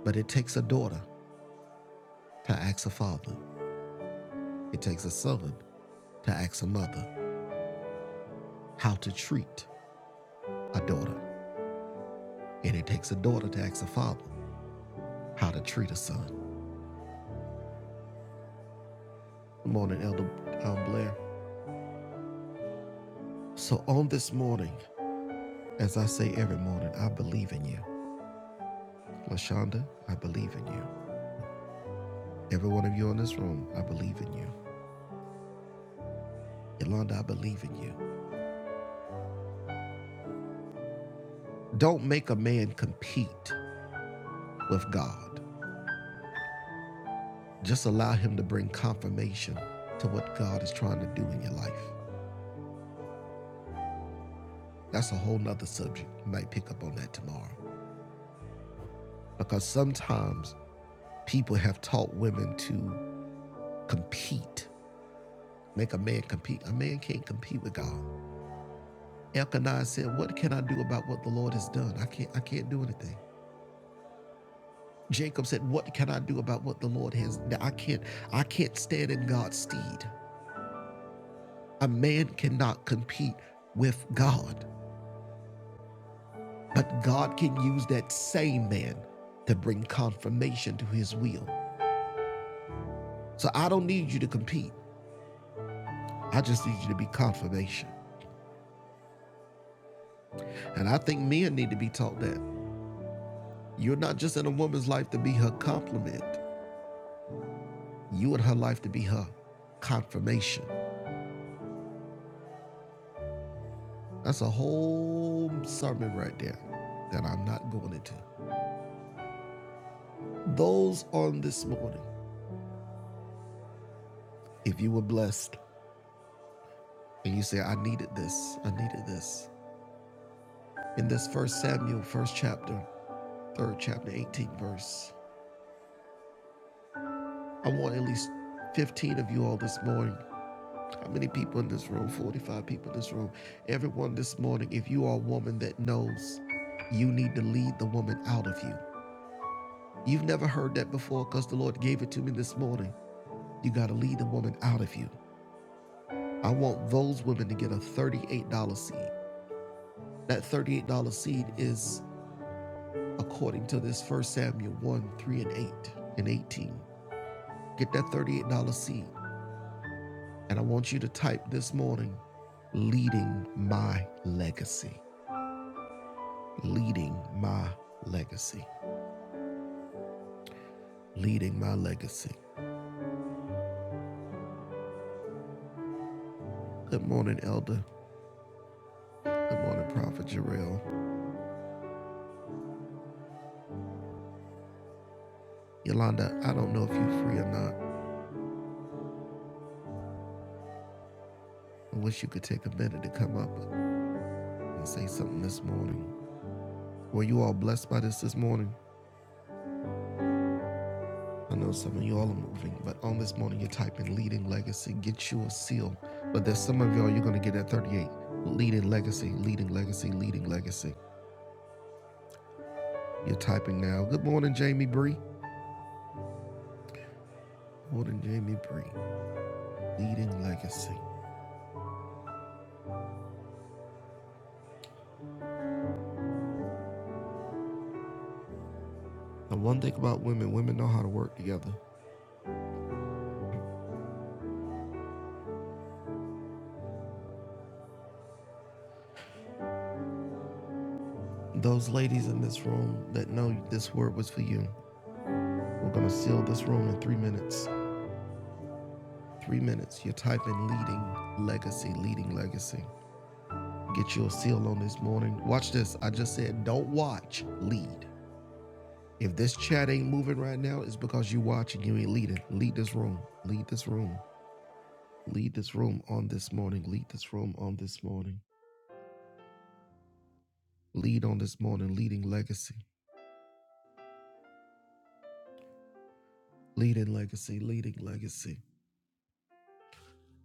Speaker 2: But it takes a daughter to ask a father, it takes a son to ask a mother how to treat a daughter. And it takes a daughter to ask a father how to treat a son. Good morning, Elder um, Blair. So, on this morning, as I say every morning, I believe in you. LaShonda, I believe in you. Every one of you in this room, I believe in you. Yolanda, I believe in you. Don't make a man compete with God. Just allow him to bring confirmation to what God is trying to do in your life. That's a whole nother subject. You might pick up on that tomorrow. Because sometimes people have taught women to compete, make a man compete. A man can't compete with God. Elkanah said, What can I do about what the Lord has done? I can't I can't do anything. Jacob said, What can I do about what the Lord has done? I can't, I can't stand in God's stead. A man cannot compete with God, but God can use that same man to bring confirmation to his will. So I don't need you to compete. I just need you to be confirmation. And I think men need to be taught that. You're not just in a woman's life to be her complement, you in her life to be her confirmation. That's a whole sermon right there that I'm not going into. Those on this morning, if you were blessed and you say, I needed this, I needed this, in this first Samuel, first chapter, third chapter, 18th verse, I want at least 15 of you all this morning. How many people in this room? 45 people in this room. Everyone this morning, if you are a woman that knows you need to lead the woman out of you. You've never heard that before because the Lord gave it to me this morning. You got to lead the woman out of you. I want those women to get a $38 seed. That $38 seed is according to this First Samuel 1 3 and 8 and 18. Get that $38 seed. And I want you to type this morning leading my legacy. Leading my legacy. Leading my legacy. Good morning, Elder. Good morning, Prophet Jarrell. Yolanda, I don't know if you're free or not. I wish you could take a minute to come up, and say something this morning. Were you all blessed by this this morning? I know some of y'all are moving, but on this morning, you're typing leading legacy, get you a seal. But there's some of y'all, you're going to get at 38. Leading legacy, leading legacy, leading legacy. You're typing now. Good morning, Jamie Bree. Good Morning, Jamie Bree. Leading legacy. The one thing about women, women know how to work together. Those ladies in this room that know this word was for you, we're going to seal this room in three minutes. Three minutes. You're typing leading legacy, leading legacy. Get your seal on this morning. Watch this. I just said, don't watch, lead. If this chat ain't moving right now, it's because you watching, you ain't leading. Lead this room. Lead this room. Lead this room on this morning. Lead this room on this morning. Lead on this morning. Leading legacy. Leading legacy. Leading legacy.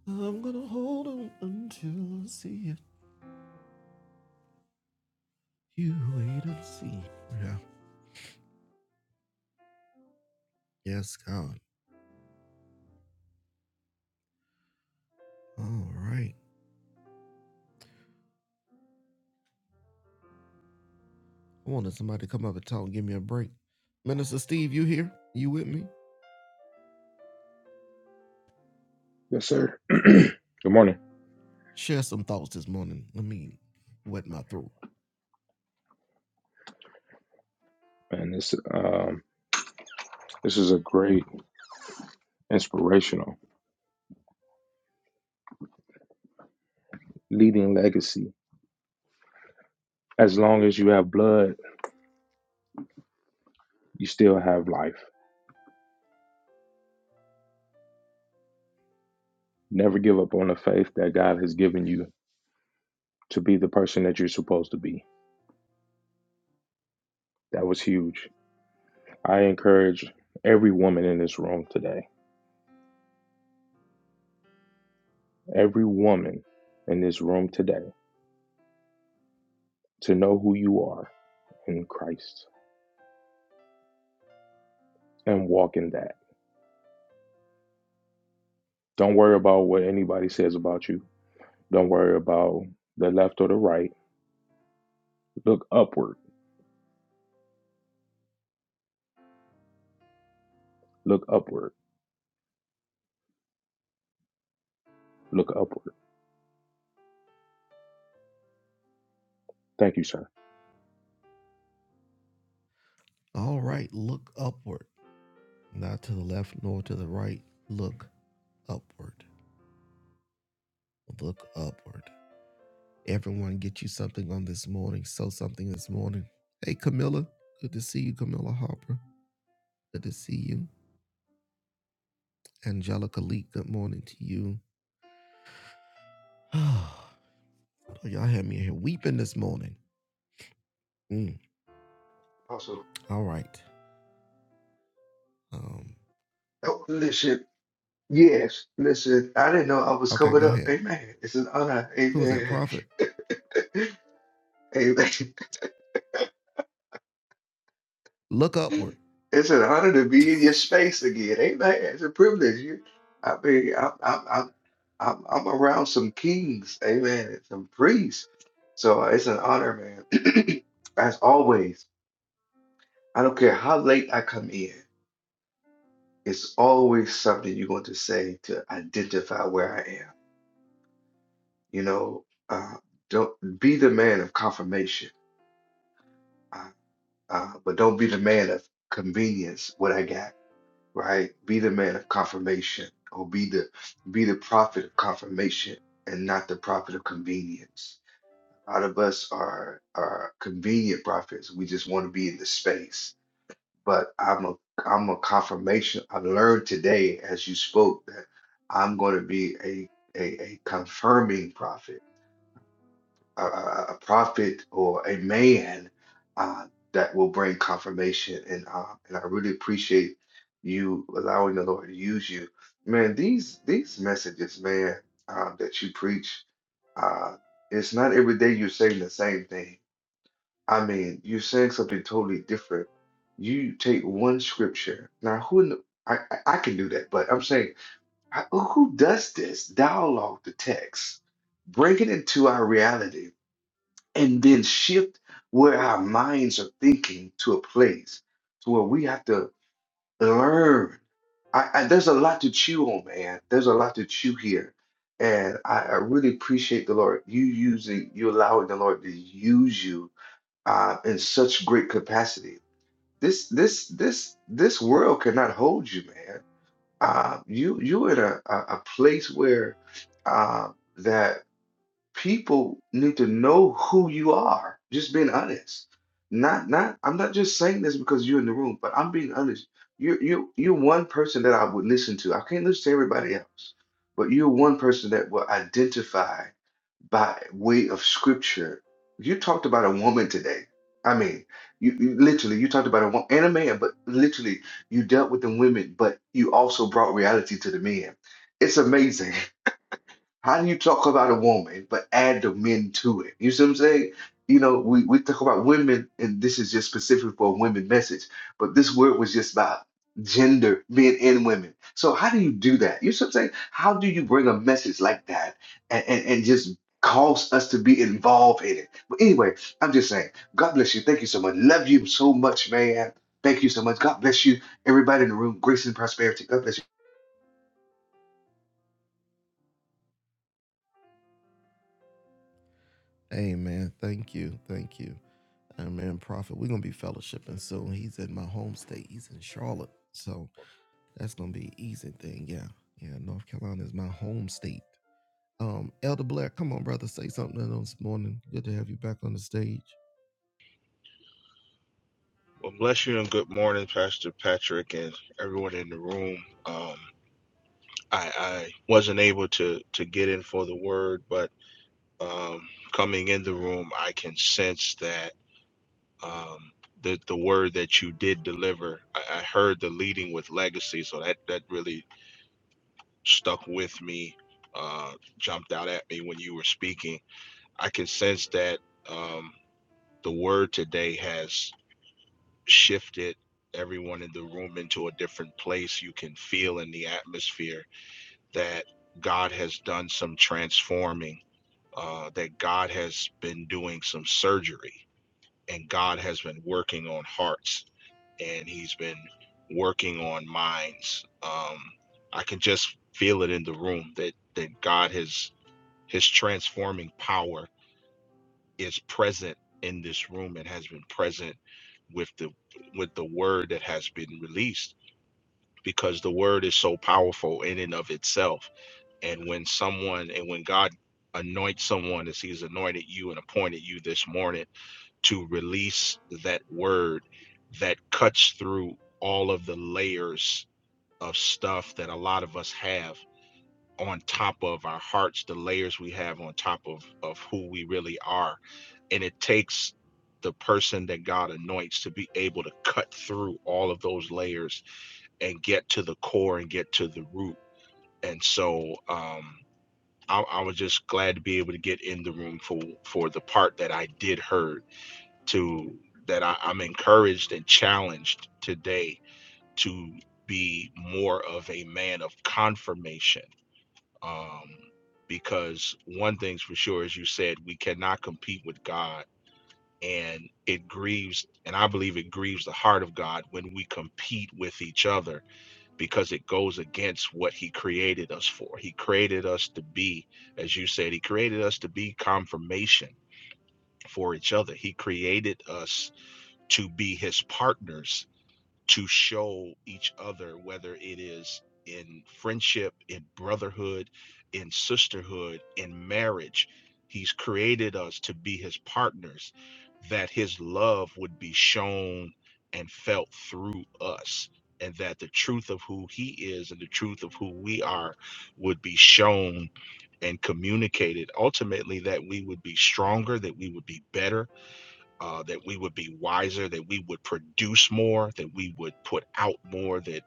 Speaker 2: I'm gonna hold on until I see it. You wait and see. Yeah. Yes, God. All right. I wanted somebody to come up and talk and give me a break. Minister Steve, you here? You with me?
Speaker 3: Yes, sir. Good morning,
Speaker 2: Share some thoughts this morning. Let me wet my throat.
Speaker 3: and This um, this is a great inspirational leading legacy. As long as you have blood, you still have life. Never give up on the faith that God has given you to be the person that you're supposed to be. That was huge. I encourage every woman in this room today, every woman in this room today, to know who you are in Christ and walk in that. Don't worry about what anybody says about you. Don't worry about the left or the right. Look upward. Look upward. Look upward. Thank you, sir.
Speaker 2: All right, look upward. Not to the left nor to the right. Look upward. Look upward. Everyone get you something on this morning. Sow something this morning. Hey, Camilla. Good to see you, Camilla Harper. Good to see you. Angelica Lee, good morning to you. Y'all had me here weeping this morning. Mm,
Speaker 4: Apostle.
Speaker 2: all right. Um,
Speaker 4: Oh, listen. Yes, listen. I didn't know I was
Speaker 2: Okay,
Speaker 4: covered
Speaker 2: go
Speaker 4: up.
Speaker 2: ahead.
Speaker 4: Amen. It's an honor.
Speaker 2: Who was that
Speaker 4: Amen.
Speaker 2: prophet?
Speaker 4: Amen.
Speaker 2: Look upward.
Speaker 4: It's an honor to be in your space again. Amen. It's a privilege. You, I mean, I'm, I'm, I'm, I'm, I'm around some kings. Amen. and Some priests. So it's an honor, man. As always, I don't care how late I come in. It's always something you want to say to identify where I am. You know, uh, don't be the man of confirmation, uh, uh, but don't be the man of convenience. What I got, right? Be the man of confirmation, or be the be the prophet of confirmation, and not the prophet of convenience. A lot of us are are convenient prophets. We just want to be in the space. But I'm a I'm a confirmation. I learned today as you spoke that I'm going to be a a, a confirming prophet a, a a prophet or a man uh, that will bring confirmation. And uh, and I really appreciate you allowing the Lord to use you, man. These these messages, man, uh, that you preach, uh, it's not every day you're saying the same thing. I mean, you're saying something totally different. You take one scripture. Now, who in the, I, I I can do that, but I'm saying, I, who who does this? Dialogue the text, bring it into our reality and then shift where our minds are thinking to a place to where we have to learn. I, I, there's a lot to chew on, man. There's a lot to chew here, and I, I really appreciate the Lord. You using, you allowing the Lord to use you uh, in such great capacity. This, this, this, this world cannot hold you, man. Uh, you, you're in a, a, a place where uh, that people need to know who you are. Just being honest. Not not I'm not just saying this because you're in the room, but I'm being honest. You're you're you're one person that I would listen to. I can't listen to everybody else, but you're one person that will identify by way of scripture. You talked about a woman today. I mean, you, you literally you talked about a woman and a man, but literally you dealt with the women, but you also brought reality to the men. It's amazing. How do you talk about a woman but add the men to it? You see what I'm saying? You know, we, we talk about women, and this is just specific for a women message, but this word was just about gender, men and women. So how do you do that? You see what I'm saying? How do you bring a message like that and, and, and just cause us to be involved in it? But anyway, I'm just saying, God bless you. Thank you so much. Love you so much, man. Thank you so much. God bless you, everybody in the room. Grace and prosperity. God bless you.
Speaker 2: Amen. Thank you. Thank you. Amen. Prophet, we're going to be fellowshipping soon. He's in my home state. He's in Charlotte. So that's going to be an easy thing. Yeah. Yeah. North Carolina is my home state. Um, Elder Black, come on, brother. Say something this morning. Good to have you back on the stage.
Speaker 5: Well, bless you and good morning, Pastor Patrick and everyone in the room. Um, I, I wasn't able to to get in for the word, but um, coming in the room, I can sense that um, the the word that you did deliver. I, I heard the leading with legacy, so that that really stuck with me, uh, jumped out at me when you were speaking. I can sense that um, the word today has. shifted everyone in the room into a different place. You can feel in the atmosphere that God has done some transforming, uh, that God has been doing some surgery, and God has been working on hearts, and He's been working on minds. Um, I can just feel it in the room that that God has His transforming power is present in this room and has been present with the with the word that has been released because the word is so powerful in and of itself. And when someone and when God anoints someone as he's anointed you and appointed you this morning to release that word that cuts through all of the layers of stuff that a lot of us have on top of our hearts, the layers we have on top of of who we really are. And it takes the person that God anoints to be able to cut through all of those layers and get to the core and get to the root and so um, I, I was just glad to be able to get in the room for for the part that I did heard to that I, I'm encouraged and challenged today to be more of a man of confirmation. Um, because one thing's for sure, as you said, we cannot compete with God. And it grieves, and I believe it grieves the heart of God when we compete with each other because it goes against what he created us for. He created us to be, as you said, he created us to be confirmation for each other. He created us to be his partners to show each other, whether it is in friendship, in brotherhood, in sisterhood, in marriage. He's created us to be his partners, that his love would be shown and felt through us, and that the truth of who he is and the truth of who we are would be shown and communicated. Ultimately, that we would be stronger, that we would be better, uh, that we would be wiser, that we would produce more, that we would put out more, that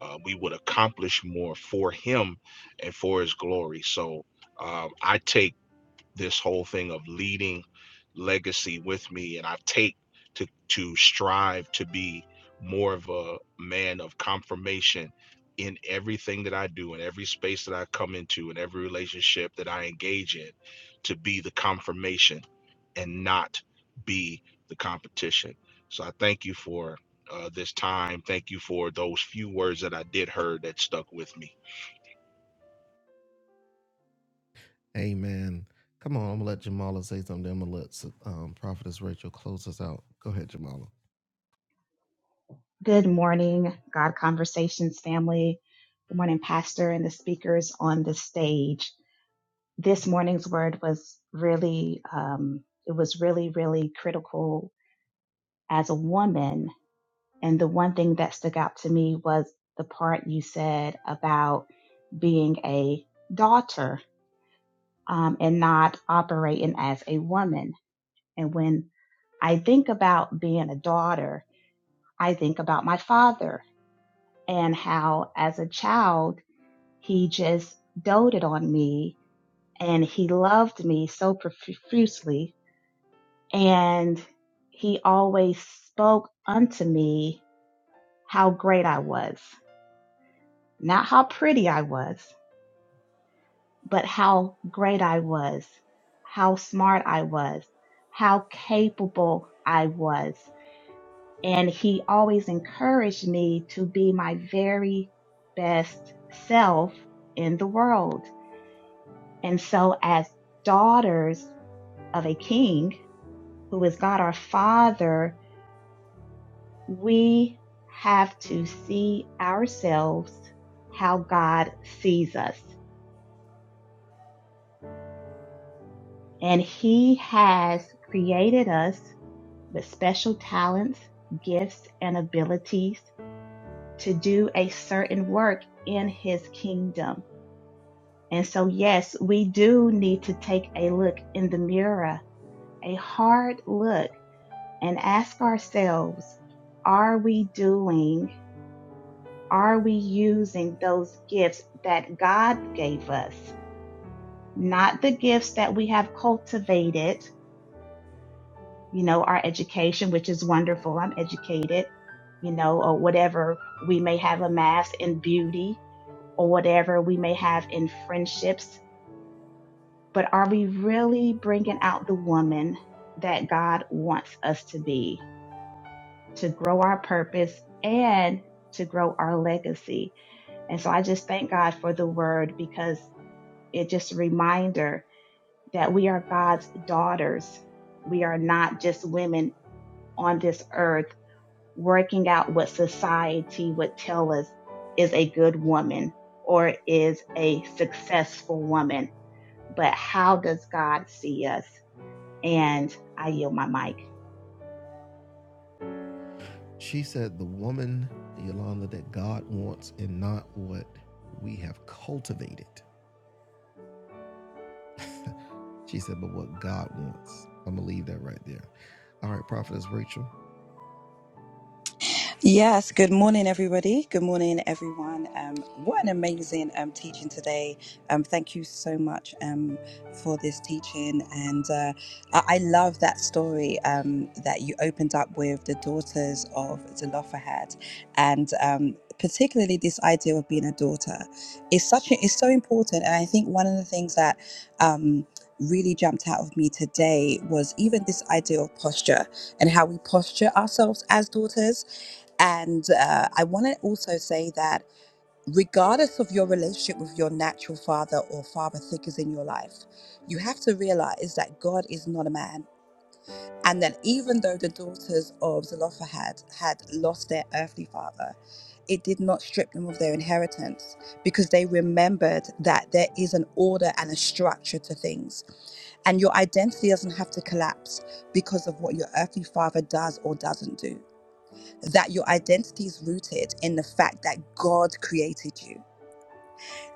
Speaker 5: uh, we would accomplish more for Him and for His glory. So um, I take this whole thing of leading legacy with me and I take to to strive to be more of a man of confirmation in everything that I do in every space that I come into in every relationship that I engage in to be the confirmation and not be the competition. So I thank you for uh, this time. Thank you for those few words that I did hear that stuck with me.
Speaker 2: Amen. Come on. I'm going to let Jamala say something. I'm going to let um, Prophetess Rachel close us out. Go ahead, Jamala.
Speaker 6: Good morning, God Conversations family. Good morning, Pastor, and the speakers on the stage. This morning's word was really, um, it was really, really critical as a woman. And the one thing that stuck out to me was the part you said about being a daughter um, and not operating as a woman. And when I think about being a daughter, I think about my father and how, as a child, He just doted on me and he loved me so profusely. And he always spoke unto me how great I was, not how pretty I was, but how great I was, how smart I was, how capable I was. And he always encouraged me to be my very best self in the world. And so as daughters of a king who is God our Father, we have to see ourselves how God sees us. And He has created us with special talents, gifts, and abilities to do a certain work in His kingdom. And so, yes, we do need to take a look in the mirror, a hard look, and ask ourselves, are we doing Are we using those gifts that God gave us? Not the gifts that we have cultivated, you know, our education, which is wonderful. I'm educated, you know, or whatever we may have amassed in beauty or whatever we may have in friendships. But are we really bringing out the woman that God wants us to be, to grow our purpose and to grow our legacy? And so I just thank God for the word because It's just a reminder that we are God's daughters. We are not just women on this earth working out what society would tell us is a good woman or is a successful woman, but how does God see us? And I yield my mic.
Speaker 2: She said, The woman, Yolanda, that God wants and not what we have cultivated. She said, But what God wants. I'm going to leave that right there. All right, Prophetess Rachel,
Speaker 7: Yes, good morning, everybody. Good morning, everyone. Um, what an amazing um, teaching today. Um, thank you so much um, for this teaching. And uh, I-, I love that story um, that you opened up with the daughters of Zelophehad, and um, particularly this idea of being a daughter is such a, is so important. And I think one of the things that um, really jumped out of me today was even this idea of posture and how we posture ourselves as daughters and uh, I want to also say that regardless of your relationship with your natural father or father figures in your life, you have to realize that God is not a man. And that even though the daughters of Zelophehad had lost their earthly father, it did not strip them of their inheritance because they remembered that there is an order and a structure to things. And your identity doesn't have to collapse because of what your earthly father does or doesn't do that your identity is rooted in the fact that God created you.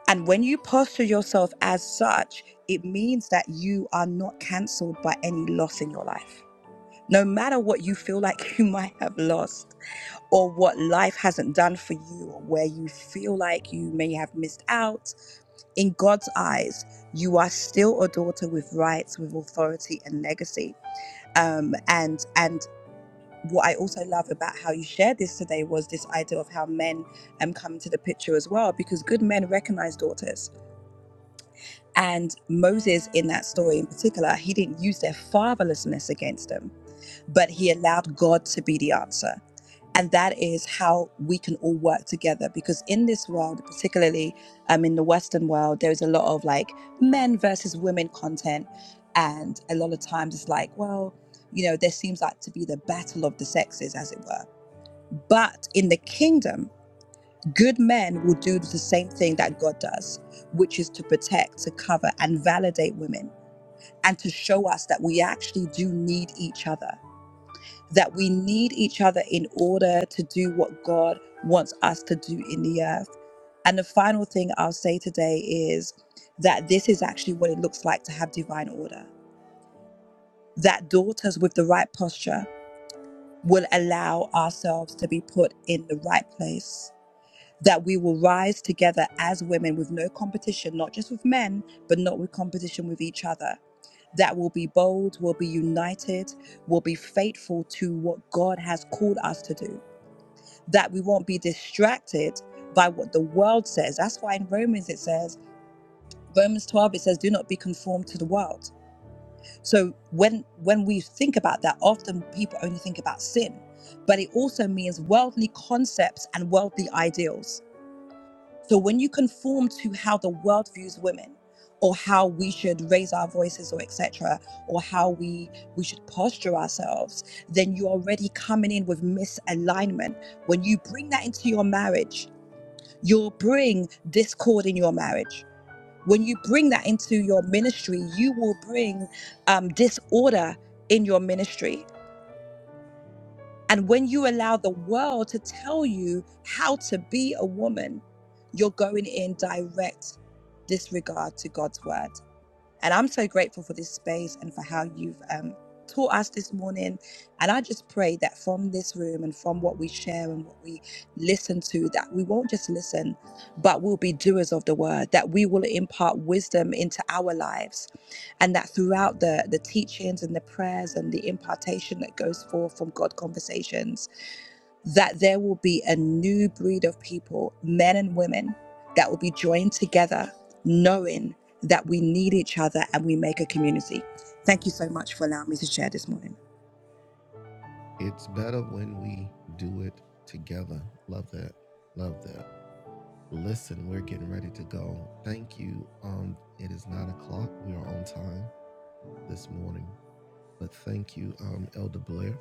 Speaker 7: And when you posture yourself as such, it means that you are not cancelled by any loss in your life. No matter what you feel like you might have lost, or what life hasn't done for you, or where you feel like you may have missed out, in God's eyes, you are still a daughter with rights, with authority, and legacy. Um, and and what I also love about how you shared this today was this idea of how men um, come to the picture as well, because good men recognize daughters. And Moses, in that story in particular, he didn't use their fatherlessness against them, but he allowed God to be the answer. And that is how we can all work together, because in this world, particularly um, in the Western world, there's a lot of like men versus women content. And a lot of times it's like, well, you know, there seems like to be the battle of the sexes, as it were but in the kingdom, good men will do the same thing that God does, which is to protect, to cover, and validate women, and to show us that we actually do need each other, that we need each other in order to do what God wants us to do in the earth. And the final thing I'll say today is that this is actually what it looks like to have divine order, that daughters with the right posture will allow ourselves to be put in the right place that we will rise together as women with no competition, not just with men, but not with competition with each other. That will be bold, will be united, will be faithful to what God has called us to do. That we won't be distracted by what the world says. That's why in Romans it says, Romans 12, it says, do not be conformed to the world. So when when we think about that, often people only think about sin, but it also means worldly concepts and worldly ideals So when you conform to how the world views women, or how we should raise our voices, or etc., or how we we should posture ourselves, then you're already coming in with misalignment. When you bring that into your marriage, you'll bring discord in your marriage. When you bring that into your ministry, you will bring um, disorder in your ministry and when you allow the world to tell you how to be a woman, you're going in direct disregard to God's word. And I'm so grateful for this space and for how you've um, taught us this morning. And I just pray that from this room and from what we share and what we listen to, that we won't just listen, but we'll be doers of the word, that we will impart wisdom into our lives. And that throughout the, the teachings and the prayers and the impartation that goes forth from God conversations, that there will be a new breed of people, men and women, that will be joined together, knowing that we need each other and we make a community. Thank you so much for allowing me to share this morning.
Speaker 2: it's better when we do it together. Love that. Love that. Listen, we're getting ready to go. Thank you. Um, it is nine o'clock. We are on time this morning. But thank you, um, Elder Blair.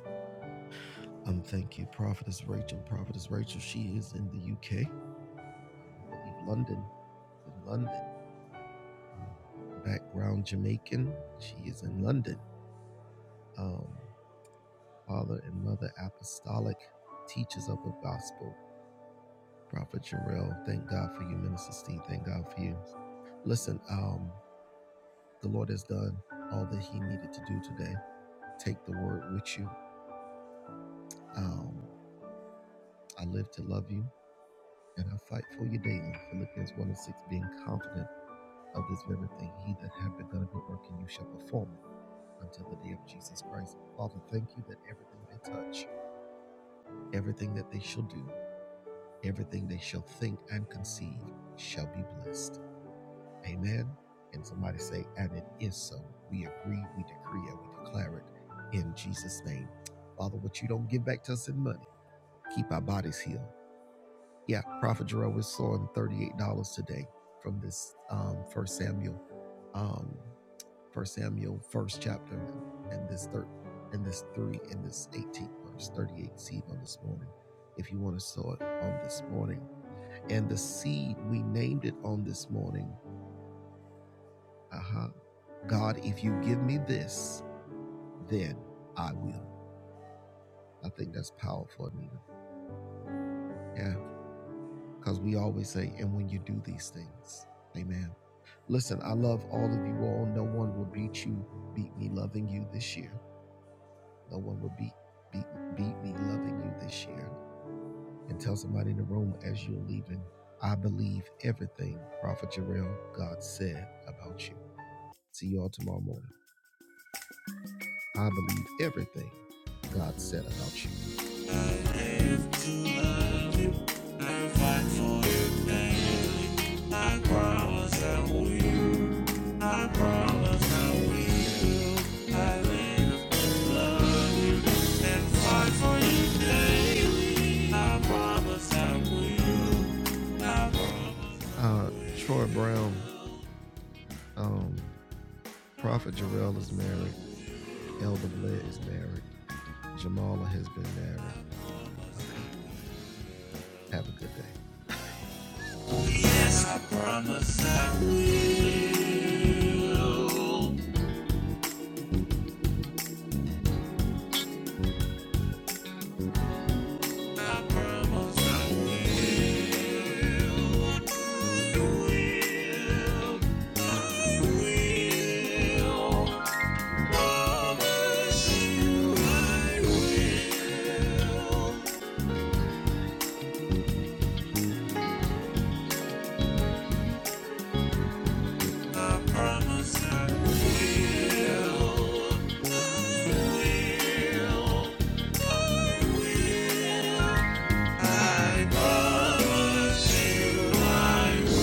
Speaker 2: Um, thank you, Prophetess Rachel. Prophetess Rachel, she is in the UK, London. in London. Background Jamaican. She is in London. Um, father and mother apostolic teachers of the gospel. Prophet Jarrell, thank God for you, Minister Steve. Thank God for you. Listen, um, the Lord has done all that He needed to do today. Take the word with you. Um, I live to love you, and I fight for you daily. Philippians 1 and 6, being confident of this very thing, He that hath begun a good work in you shall perform it until the day of Jesus Christ. Father, thank you that everything they touch, everything that they shall do, everything they shall think and conceive shall be blessed. Amen. And somebody say, and it is so. We agree, we decree, and we declare it in Jesus' name. Father, what you don't give back to us in money, keep our bodies healed. Yeah, Prophet Jarrell is sowing $38 today from this um, First Samuel. Um, First Samuel, first chapter, and this third, and this three, and this 18th verse, 38 seed on this morning. If you want to sow it on this morning, and the seed we named it on this morning. Uh huh. God, if you give me this, then I will. I think that's powerful, Anita. Yeah, because we always say, and when you do these things, Amen. Listen, I love all of you all. No one will beat you, beat me loving you this year. No one will beat beat beat me loving you this year. And tell somebody in the room as you're leaving, I believe everything Prophet Jarrell God said about you. See you all tomorrow morning. I believe everything God said about you. I live to love you. I fight for you daily. I promise I will. I promise I live live and fight fight for for you. you. promise promise will. will. Uh, Troy Brown, um, Prophet Jarrell is married. Elder Bled is married. Jamala has been married. Have a good day. Promise I will. I promise I will. I will. Promise you I will. I promise I will. I promise you I will.